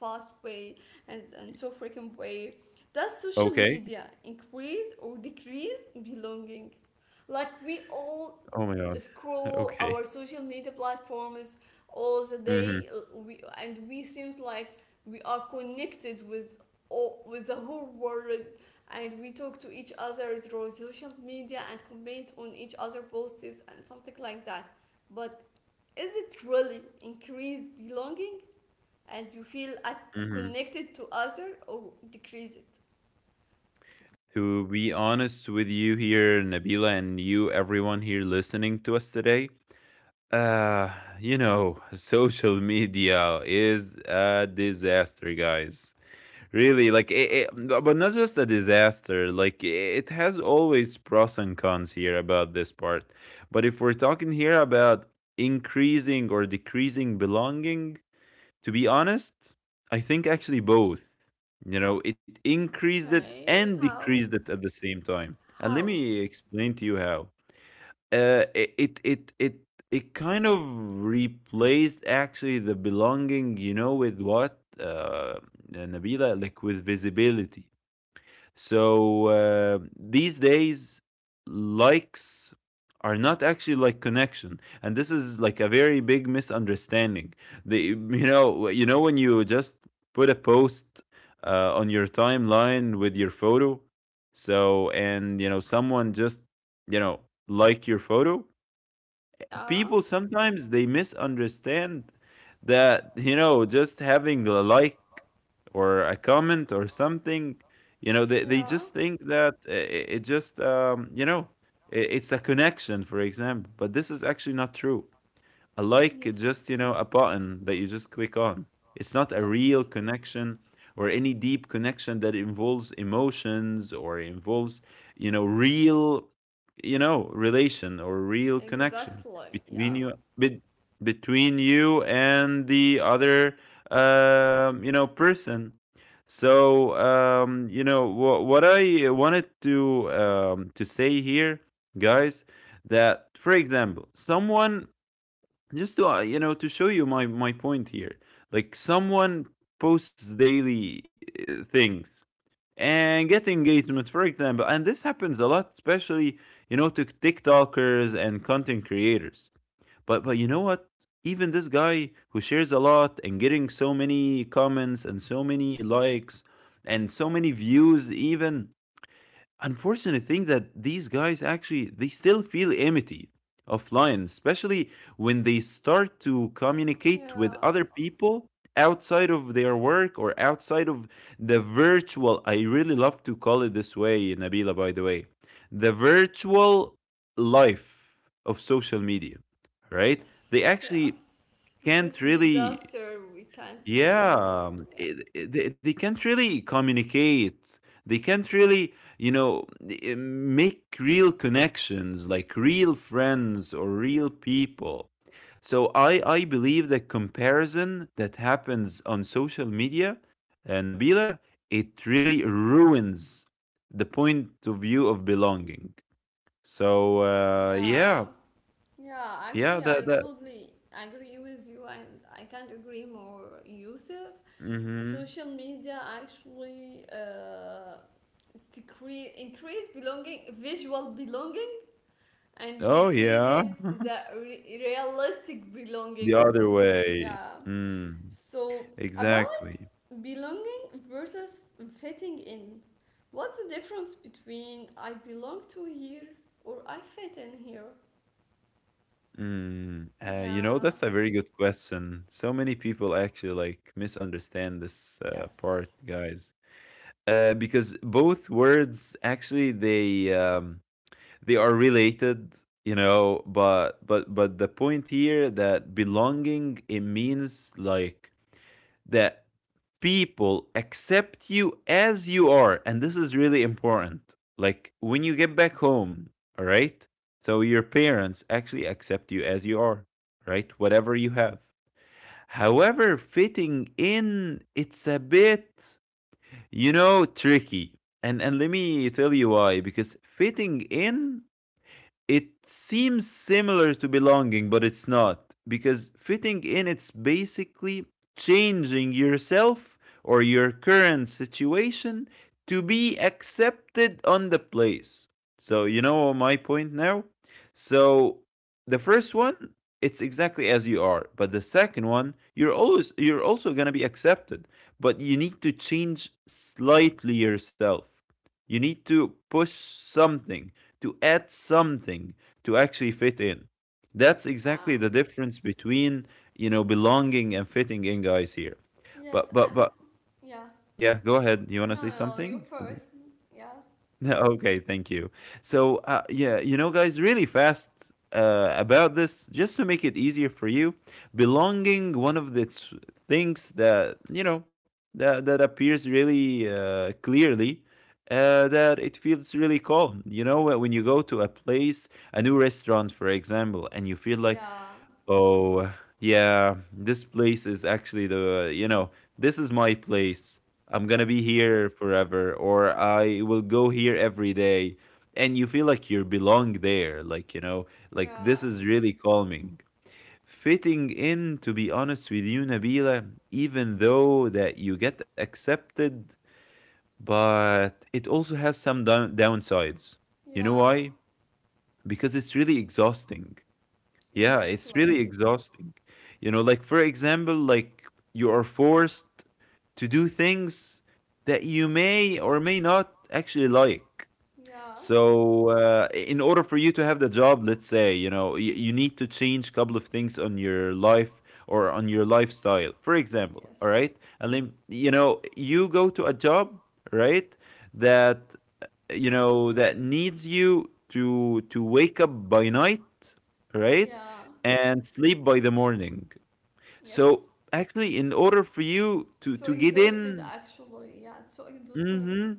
S1: fast way and and so frequent way. Does social
S2: Okay.
S1: media increase or decrease belonging? Like we all
S2: Oh my god.
S1: scroll
S2: Okay.
S1: our social media platforms all the
S2: Mhm.
S1: day, uh, we and we seems like we are connected with all, with the whole world, and we talk to each other through social media and comment on each other posts and something like that. But is it really increase belonging and you feel at,
S2: Mhm.
S1: connected to other, or decrease it?
S2: To be honest with you here, Nabila, and you, everyone here listening to us today, uh, you know, social media is a disaster, guys. Really, like it,
S1: Uh,
S2: it, but not just a disaster. Like it has always pros and cons here about this part. But if we're talking here about increasing or decreasing belonging, to be honest, I think actually both. You know, it increased it
S1: okay,
S2: and decreased
S1: how?
S2: it at the same time. And let
S1: How?
S2: me explain to you how uh, it, it it it it kind of replaced actually the belonging, you know, with what uh, uh, Nabila, like with visibility. So uh, these days, likes are not actually like connection, and this is like a very big misunderstanding. The you know you know when you just put a post uh, on your timeline with your photo, so, and you know, someone just, you know, like your photo.
S1: Yeah,
S2: People sometimes they misunderstand that, you know, just having a like or a comment or something, you know, they, they
S1: yeah,
S2: just think that i- i- it just um, you know, i- it's a connection, for example, but this is actually not true. A like is
S1: yes,
S2: just, you know, a button that you just click on. It's not a
S1: yes.
S2: real connection or any deep connection that involves emotions or involves, you know, real, you know, relation or real connection
S1: Exactly, yeah,
S2: between you bet between you and the other um, you know, person. So, um, you know, wha what I wanted to um, to say here, guys, that for example, someone, just to uh, you know, to show you my my point here, like someone posts daily uh, things and get engagement, for example, and this happens a lot, especially, you know, to tiktokers and content creators. But but you know what, even this guy who shares a lot and getting so many comments and so many likes and so many views, even unfortunate thing that these guys actually they still feel empty offline, especially when they start to communicate with
S1: yeah,
S2: other people outside of their work or outside of the virtual, I really love to call it this way, Nabila, by the way, the virtual life of social media, right? They
S1: yes,
S2: actually
S1: yes. This
S2: can't really,
S1: disaster we can't
S2: yeah,
S1: ignore.
S2: um,
S1: Yeah.
S2: it, it- they, they can't really communicate. They can't really, you know, i- make real connections like real friends or real people. So I I believe that comparison that happens on social media, uh, Nabila, it really ruins the point of view of belonging. So uh,
S1: Yeah.
S2: yeah,
S1: Yeah, actually,
S2: yeah,
S1: I
S2: that that.
S1: totally agree with you, and I can't agree more, Yusuf.
S2: Hmm.
S1: Social media actually uh, decrease, increase belonging, visual belonging, and
S2: Oh
S1: decrease
S2: yeah,
S1: it the re- realistic
S2: the
S1: belonging.
S2: other way.
S1: Yeah.
S2: Mm.
S1: So about
S2: Exactly.
S1: belonging versus fitting in, what's the difference between I belong to here or I fit in here?
S2: Mm, uh, you know,
S1: Yeah.
S2: that's a very good question. So many people actually like misunderstand this uh, part,
S1: Yes.
S2: guys. Uh, because both words actually they um, they are related, you know, but but but the point here that belonging, it means like that people accept you as you are. And this is really important. Like when you get back home, all right? So your parents actually accept you as you are, right? Whatever you have. However, fitting in, it's a bit, you know, tricky. And and let me tell you why, because fitting in, it seems similar to belonging, but it's not. Because fitting in, it's basically changing yourself or your current situation to be accepted on the place. So, you know my point now? So, the first one, it's exactly as you are. But the second one, you're always, you're also going to be accepted, but you need to change slightly yourself. You need to push something to add something to actually fit in. That's
S1: Yeah.
S2: exactly the difference between, you know, belonging and fitting in, guys, here.
S1: Yes,
S2: But
S1: I,
S2: but but
S1: yeah.
S2: yeah, go ahead. You want to say
S1: No, no, no,
S2: something?
S1: you first. Yeah,
S2: Okay, thank you. So, uh, yeah, you know, guys, really fast uh, about this, just to make it easier for you, belonging, one of the t- things that, you know, that that appears really uh, clearly. Uh, that it feels really calm. You know, when when you go to a place, a new restaurant, for example, and you feel like,
S1: yeah,
S2: oh, yeah, this place is actually the, you know, this is my place. I'm gonna
S1: yes,
S2: be here forever, or I will go here every day. And you feel like you belong there, like, you know, like
S1: yeah,
S2: this is really calming. Fitting in, to be honest with you, Nabila, even though that you get accepted, but it also has some down downsides. You know
S1: yeah,
S2: why? Because it's really exhausting. Yeah, it's
S1: exactly.
S2: really exhausting. You know, like, for example, like you are forced to do things that you may or may not actually like.
S1: Yeah,
S2: So, uh, in order for you to have the job, let's say, you know, you, you need to change a couple of things on your life or on your lifestyle. For example,
S1: yes,
S2: all right? And then, you know, you go to a job, right? That, you know, that needs you to to wake up by night, right,
S1: yeah,
S2: and sleep by the morning.
S1: yes.
S2: So actually, in order for you to
S1: So
S2: to get
S1: exhausted,
S2: in,
S1: actually. Yeah, so exhausted.
S2: mhm,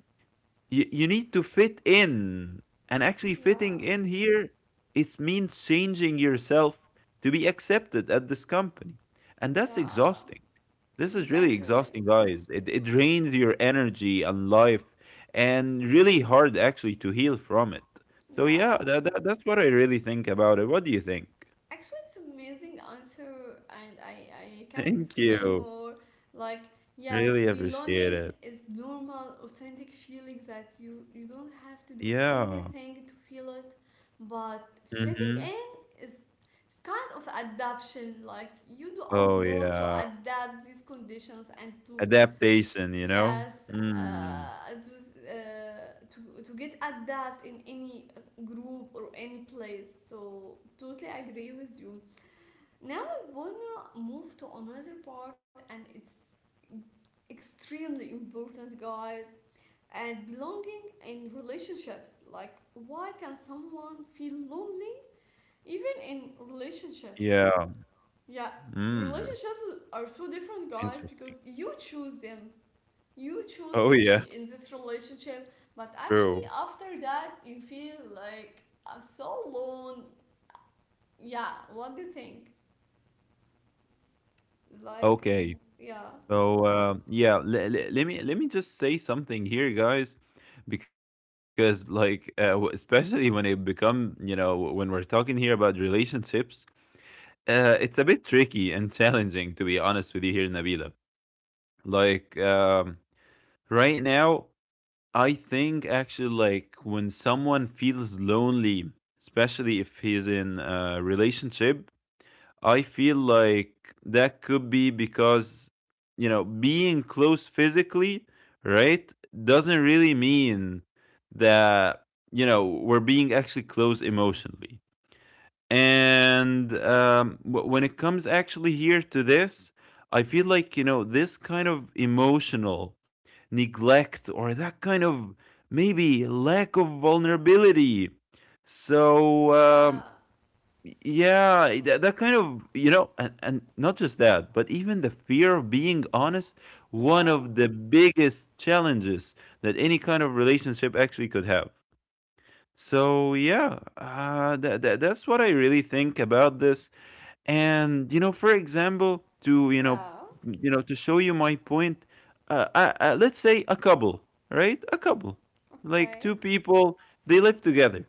S2: you, you need to fit in. And actually,
S1: Yeah,
S2: fitting in here, it means changing yourself to be accepted at this company, and that's
S1: yeah,
S2: exhausting. This is really
S1: exactly.
S2: exhausting, guys. it, it drains your energy and life, and really hard actually to heal from it. So yeah,
S1: Yeah,
S2: that, that, that's what I really think about it. What do you think?
S1: actually, it's amazing answer, and I I can't
S2: Thank
S1: explain
S2: you,
S1: more. Like yes,
S2: really appreciate
S1: belonging
S2: it.
S1: is normal, authentic feelings that you you don't have to do
S2: Yeah.
S1: anything to feel it, but fitting
S2: Hmm.
S1: in is is kind of adaptation. Like you do a
S2: Oh
S1: lot to
S2: yeah,
S1: adapt these conditions and to,
S2: adaptation, you know.
S1: yes,
S2: Mm.
S1: uh, to, uh, to to get adapt in any group or any place. So totally agree with you. Now I wanna move to another part, and it's extremely important, guys. And belonging in relationships. Like, why can someone feel lonely even in relationships?
S2: Yeah.
S1: Yeah,
S2: Mm.
S1: relationships are so different, guys,
S2: Interest.
S1: because you choose them. You choose
S2: Oh,
S1: to
S2: yeah.
S1: be in this relationship, but actually,
S2: True.
S1: after that, you feel like I'm so alone. Yeah, what do you think? Like,
S2: Okay.
S1: yeah.
S2: So, um, yeah, le le let me let me just say something here, guys, because, like, uh, w especially when it become, you know, when we're talking here about relationships, uh, it's a bit tricky and challenging, to be honest with you here, Nabila. Like, um, right now, I think actually, like, when someone feels lonely, especially if he's in a relationship, I feel like that could be because, you know, being close physically, right, doesn't really mean that, you know, we're being actually close emotionally. And um, wh- when it comes actually here to this, I feel like, you know, this kind of emotional neglect, or that kind of maybe lack of vulnerability. So, um,
S1: Yeah,
S2: yeah, that, that kind of, you know, and, and not just that, but even the fear of being honest, one
S1: yeah,
S2: of the biggest challenges that any kind of relationship actually could have. So, yeah, uh, that, that, that's what I really think about this. And, you know, for example, to, you know,
S1: yeah,
S2: you know, to show you my point, uh, uh, uh, let's say a couple, right? A couple, like two
S1: okay.
S2: people, they live together,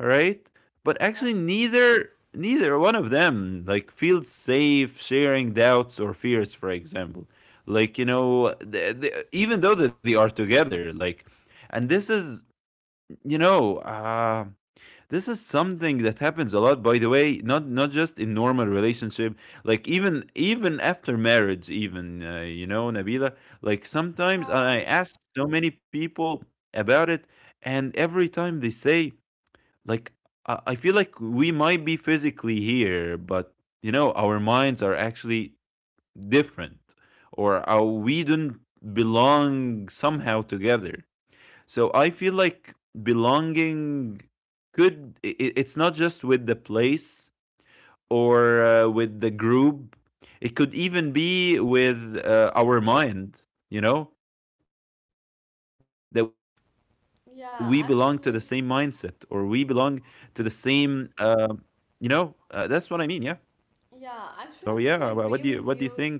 S2: right? But
S1: Yeah,
S2: actually, neither neither one of them like feels safe sharing doubts or fears. For example, like, you know, th th even though that they are together, like, and this is, you know, uh, this is something that happens a lot. By the way, not not just in normal relationship, like even even after marriage, even uh, you know, Nabila, like sometimes
S1: yeah,
S2: I ask so many people about it, and every time they say, like, I I feel like we might be physically here, but you know our minds are actually different, or our, we don't belong somehow together. So I feel like belonging could i i- it's not just with the place or uh, with the group. It could even be with uh, our mind, you know, that we belong to the same mindset, or we belong
S1: yeah,
S2: to the
S1: actually,
S2: same, um you know, uh, that's what I mean. Yeah. So yeah,
S1: yeah,
S2: wha- what
S1: actually,
S2: do
S1: I
S2: you,
S1: totally
S2: what do you
S1: agree with
S2: think
S1: you.
S2: about?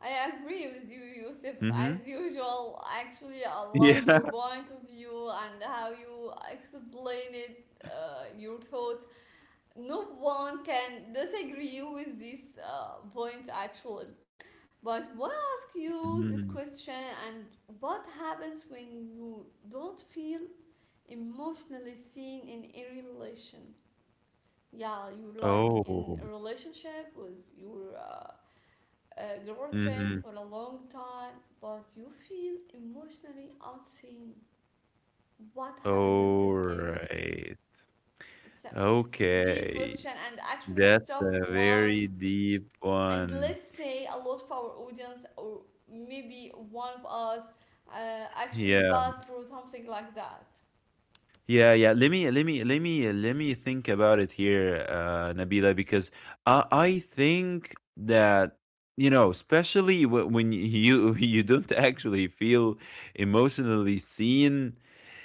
S1: I agree with you, Yusuf,
S2: Mm-hmm.
S1: as usual. Actually, I love
S2: Yeah.
S1: your point of view and how you explain it, uh, your thoughts. No one can disagree with these uh, points, actually. But want to ask you this
S2: Mm.
S1: question and what happens when you don't feel emotionally seen in a relation, yeah, you like in a
S2: Oh.
S1: relationship with your uh, uh, girlfriend for a
S2: Mm-hmm.
S1: long time, but you feel emotionally unseen, what happens in
S2: All
S1: this case.
S2: right.
S1: It's a, it's deep question
S2: Okay.
S1: and actually it's
S2: That's
S1: tough
S2: a
S1: one,
S2: very deep
S1: and
S2: one.
S1: let's say a lot of our audience or maybe one of us uh, actually
S2: Yeah.
S1: passed through something like that.
S2: Yeah, yeah. Let me let me let me let me think about it here, uh, Nabila, because I I think that, you know, especially wh- when you you don't actually feel emotionally seen,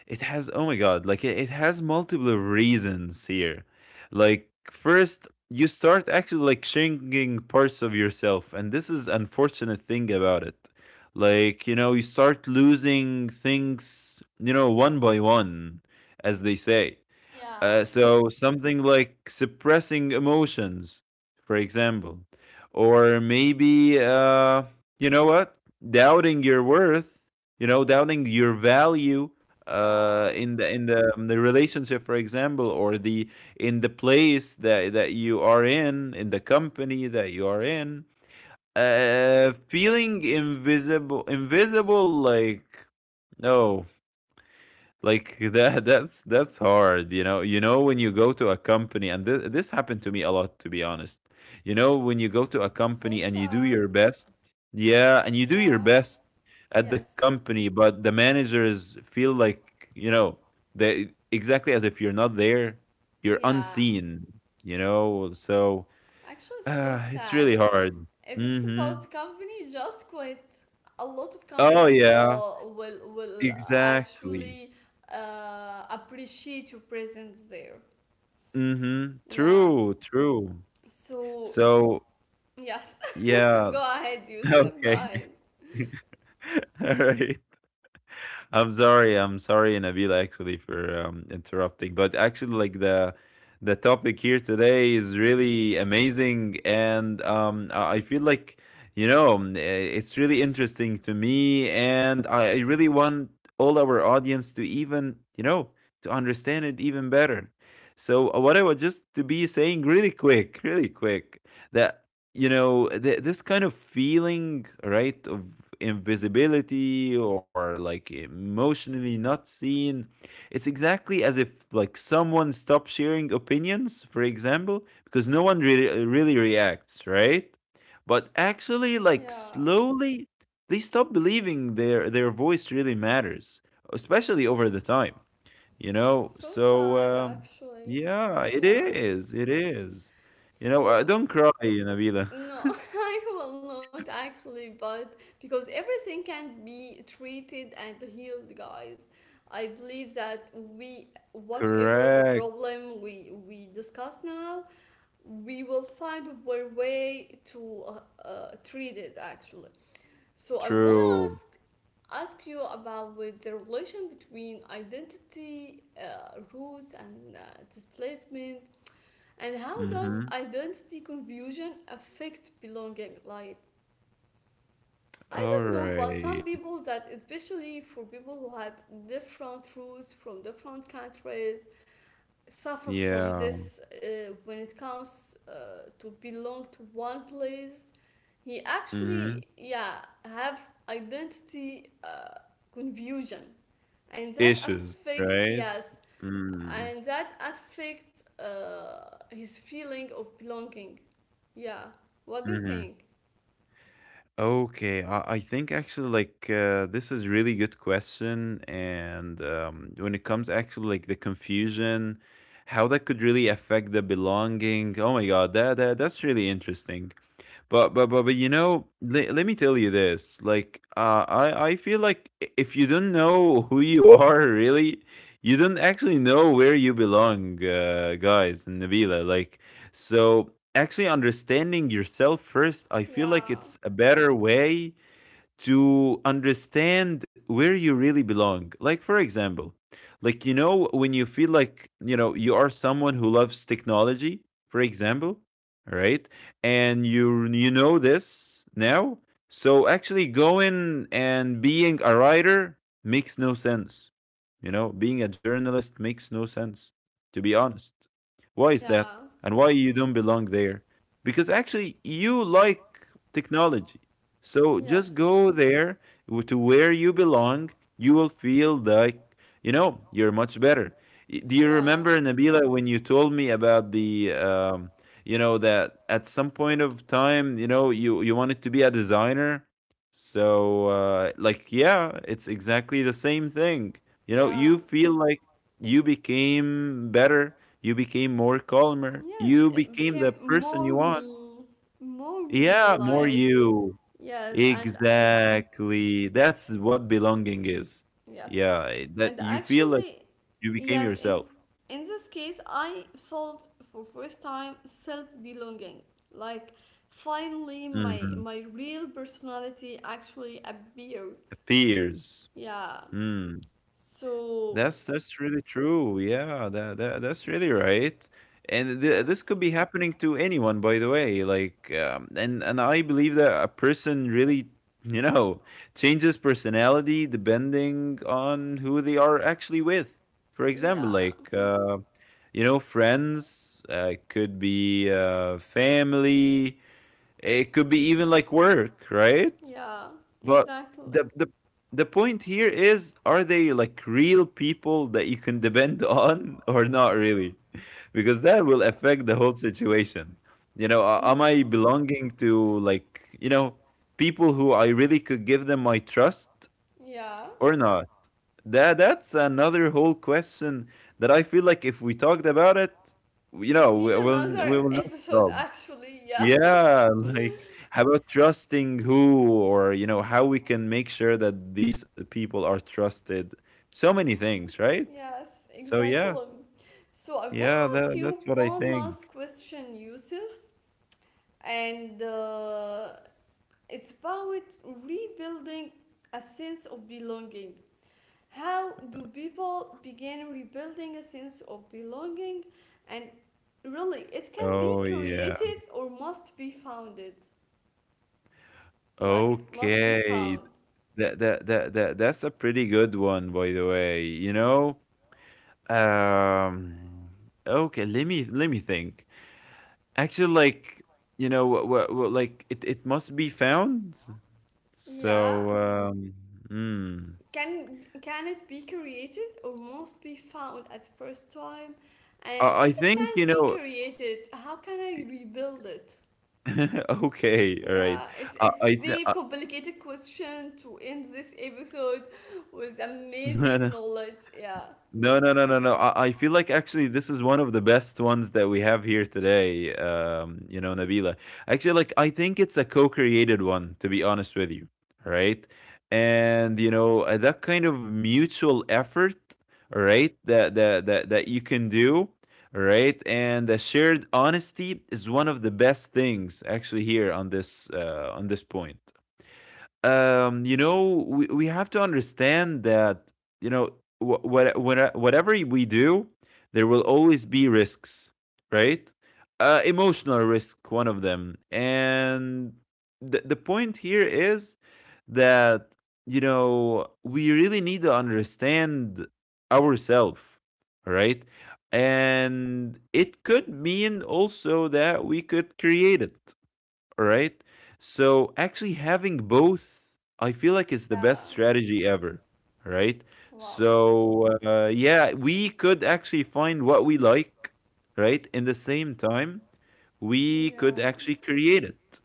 S2: it has, oh my god, like, it, it has multiple reasons here. Like, first, you start actually, like, shrinking parts of yourself, and this is unfortunate thing about it. Like, you know, you start losing things, you know, one by one, as they say.
S1: Yeah,
S2: Uh, so something like suppressing emotions, for example, or maybe uh, you know what, doubting your worth, you know, doubting your value, uh,
S1: yeah,
S2: in the in the in the relationship, for example, or the in the place that that you are in, in the company that you are in, uh, feeling invisible, invisible, like, no, like that, that's that's hard. You know, you know when you go to a company, and this, this happened to me a lot, to be honest. You know, when you go to a
S1: so
S2: company and you do
S1: sad.
S2: your best, yeah, and you do your
S1: Yeah,
S2: best at the
S1: yes.
S2: company, but the managers feel like, you know, they, exactly as if you're not there, you're
S1: Yeah.
S2: unseen, you know. So
S1: Actually, it's so
S2: uh, it's
S1: sad.
S2: really hard.
S1: If it's
S2: Hmm.
S1: about the company, just quit. A lot of
S2: Oh
S1: companies
S2: yeah,
S1: will will will
S2: exactly.
S1: actually uh, appreciate your presence there.
S2: Mm-hmm,
S1: Yeah.
S2: true, true.
S1: So
S2: So
S1: yes,
S2: yeah.
S1: go ahead, Yusuf. Go
S2: Okay.
S1: ahead.
S2: All right. I'm sorry. I'm sorry, Nabil, actually, for um, interrupting. But actually, like the the topic here today is really amazing, and um, I I feel like you know um, eh, it's really interesting to me, and I, I really want all our audience to even you know to understand it even better. So uh, what I was just to be saying really quick, really quick, that you know th- this kind of feeling, right, of invisibility or like emotionally not seen. It's exactly as if like someone stopped sharing opinions, for example, because no one really really reacts, right? But actually, like
S1: Yeah.
S2: slowly they stop believing their their voice really matters, especially over the time, you know,
S1: So
S2: so,
S1: sad,
S2: um,
S1: actually.
S2: yeah, it
S1: Yeah.
S2: is, it is. You know, uh,
S1: So
S2: don't cry, Nabila.
S1: no, I will not actually, but because everything can be treated and healed, guys. I believe that we, whatever the
S2: Correct.
S1: problem we we discuss now, we will find a way to uh, uh, treat it actually. So I wanna
S2: True.
S1: ask ask you about with the relation between identity, uh, roots, and uh, displacement, and how does
S2: Mm-hmm.
S1: identity confusion affect belonging? Like, I
S2: All
S1: don't know, but some
S2: right.
S1: people that, especially for people who had different roots from different countries, suffer from
S2: Yeah.
S1: this uh, when it comes uh, to belong to one place. He
S2: Mm-hmm.
S1: actually, yeah, have identity uh, confusion, and that
S2: Issues,
S1: affects,
S2: right?
S1: yes,
S2: Mm.
S1: and that affects uh, his feeling of belonging. Yeah, what do you
S2: Mm-hmm.
S1: think?
S2: Okay. I, I think actually like uh, this is really good question, and um, when it comes actually like the confusion, how that could really affect the belonging. Oh my God, that, that that's really interesting. But but but but you know, le- let me tell you this. Like, uh, I I feel like if you don't know who you are, really, you don't actually know where you belong, uh, guys. And Nabila, like, so actually understanding yourself first, I feel like
S1: Yeah,
S2: it's a better way to understand where you really belong. Like, for example, like, you know, when you feel like, you know, you are someone who loves technology, for example, right? And you you know this now. So actually going and being a writer makes no sense. You know, being a journalist makes no sense, to be honest. Why is that?
S1: yeah,
S2: And why you don't belong there? Because actually you like technology, so just
S1: yes.
S2: go there w- to where you belong. You will feel like, you know, you're much better. Y- Do you
S1: Yeah,
S2: remember, Nabila, when you told me about the, um, you know, that at some point of time, you know, you, you wanted to be a designer? So, uh, like, yeah, it's exactly the same thing. You know,
S1: yeah,
S2: you feel like you became better. You became more calmer.
S1: yes,
S2: You
S1: it
S2: became
S1: became
S2: the person
S1: more
S2: you want.
S1: me, more me,
S2: Yeah, more
S1: like,
S2: you.
S1: yes, and
S2: Exactly. That's what belonging is.
S1: yes,
S2: Yeah, eh, that
S1: and
S2: you feel like
S1: actually,
S2: you became
S1: yes, in,
S2: yourself.
S1: in this case, I felt for first time self belonging, like, finally, my,
S2: Mhm.
S1: my real personality actually appeared,
S2: Peers.
S1: yeah,
S2: Mm.
S1: so,
S2: That's that's really true. Yeah, that, that that's really right. And th- this
S1: yes,
S2: could be happening to anyone, by the way. Like, um, and and I believe that a person really, you know, changes personality depending on who they are actually with. For example,
S1: yeah,
S2: like uh, you know, friends, uh, it could be uh, family, it could be even like work, right?
S1: yeah,
S2: But
S1: exactly,
S2: the the the point here is, are they like real people that you can depend on or not really? Because that will
S1: yeah,
S2: affect the whole situation. You know, a-
S1: ex-
S2: am I belonging to like, you know, people who I really could give them my trust
S1: yeah.
S2: or not? That that's another whole question that I feel like if we talked about it, you
S1: It
S2: know,
S1: need
S2: we will we
S1: another
S2: will not
S1: episode
S2: stop.
S1: actually, yeah.
S2: Yeah, like how about trusting who, or you know, how we can make sure that these uh, people are trusted. So many things, right?
S1: Yes,
S2: So yeah,
S1: exactly. So I wanna
S2: yeah,
S1: ask
S2: that
S1: you
S2: that's what I
S1: one
S2: think.
S1: last question, Yusuf, and uh, it's about rebuilding a sense of belonging. How do people begin rebuilding a sense of belonging? And really, it can be
S2: Oh yeah.
S1: created or must be founded. Like it must be
S2: Okay.
S1: found.
S2: That that that that that's a pretty good one, by the way. You know, um, okay. Let me let me think. Actually, like you know, wha- wha- wha- like it, it must be found.
S1: Yeah,
S2: So, um, mm.
S1: Can can it be created or must be found at first time? And
S2: I, I
S1: if it
S2: think
S1: can't
S2: you
S1: be
S2: know.
S1: created, how can I rebuild it?
S2: Okay, all right.
S1: Yeah, it's
S2: Uh,
S1: it's
S2: I th-
S1: deep, complicated question to end this episode with
S2: uh,
S1: amazing knowledge. Yeah.
S2: No, no, no, no, no. I, I feel like actually this is one of the best ones that we have here today. Um, you know, Nabila. Actually, like I think it's a co-created one, to be honest with you, right? And you know uh, that kind of mutual effort, right? That that that that you can do, right? And the shared honesty is one of the best things actually here on this uh, on this point, um, you know, we, we have to understand that, you know, wh- what, what, uh, whatever we do, there will always be risks, right? Uh, emotional risk, one of them. And the, the point here is that, you know, we really need to understand ourselves, right? And it could mean also that we could create it, all right. So actually having both, I feel like it's the best
S1: Yeah.
S2: strategy ever. All right.
S1: Wow.
S2: So uh, yeah, we could actually find what we like, right? In the same time, we could
S1: Yeah.
S2: actually create it.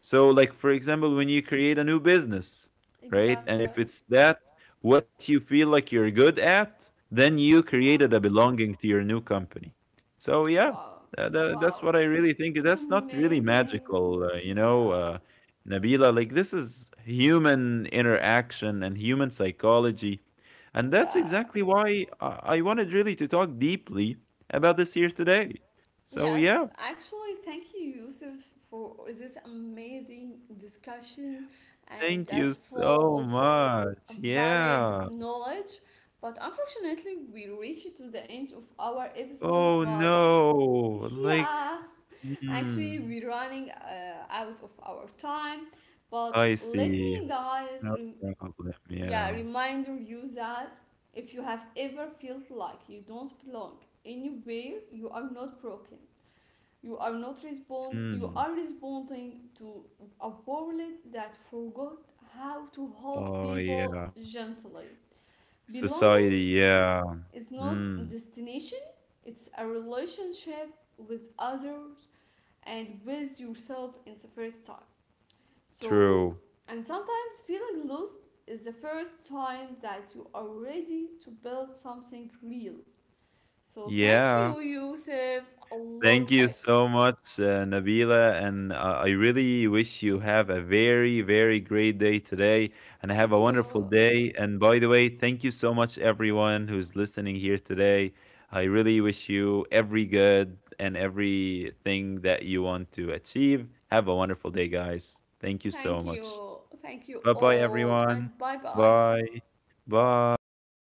S2: So, like for example, when you create a new business, right? And
S1: Exactly.
S2: if it's that what you feel like you're good at, then you
S1: Yeah.
S2: created a belonging to your new company. So yeah,
S1: Wow.
S2: tha- tha-
S1: Wow.
S2: that's what I really think.
S1: It's
S2: That's not really
S1: amazing.
S2: magical, uh, you know,
S1: Yeah.
S2: uh, Nabila. Like this is human interaction and human psychology, and that's
S1: Yeah.
S2: exactly why I I wanted really to talk deeply about this here today. So
S1: Yes,
S2: yeah,
S1: actually, thank you, Yusuf, for this amazing discussion and
S2: thank
S1: that
S2: you so
S1: full of
S2: much.
S1: valid
S2: Yeah.
S1: knowledge. But unfortunately, we reached to the end of our episode.
S2: Oh
S1: But
S2: no. Like,
S1: yeah, actually,
S2: mm,
S1: we're running uh, out of our time. But
S2: I
S1: let
S2: see.
S1: me, guys,
S2: No
S1: rem-
S2: problem.
S1: yeah,
S2: Yeah.
S1: reminder you that if you have ever felt like you don't belong anywhere, you are not broken, you are not respond you
S2: Mm.
S1: are responding to a world that forgot how to hold
S2: Oh
S1: people
S2: yeah.
S1: gently. Belonging
S2: Society. Yeah.
S1: is not a
S2: Mm.
S1: destination, it's a relationship with others and with yourself in the first time. So
S2: True.
S1: and sometimes feeling lost is the first sign that you are ready to build something real. So thank
S2: Yeah.
S1: you, Yusuf, a lot.
S2: Thank you
S1: I
S2: so much, uh, Nabila. And uh, I really wish you have a very, very great day today and have a
S1: thank
S2: wonderful
S1: you.
S2: day. And by the way, thank you so much, everyone who's listening here today. I really wish you every good and everything that you want to achieve. Have a wonderful day, guys. Thank you
S1: Thank
S2: so much.
S1: you. Thank you
S2: Bye bye,
S1: all,
S2: everyone.
S1: and bye bye.
S2: Bye. Bye.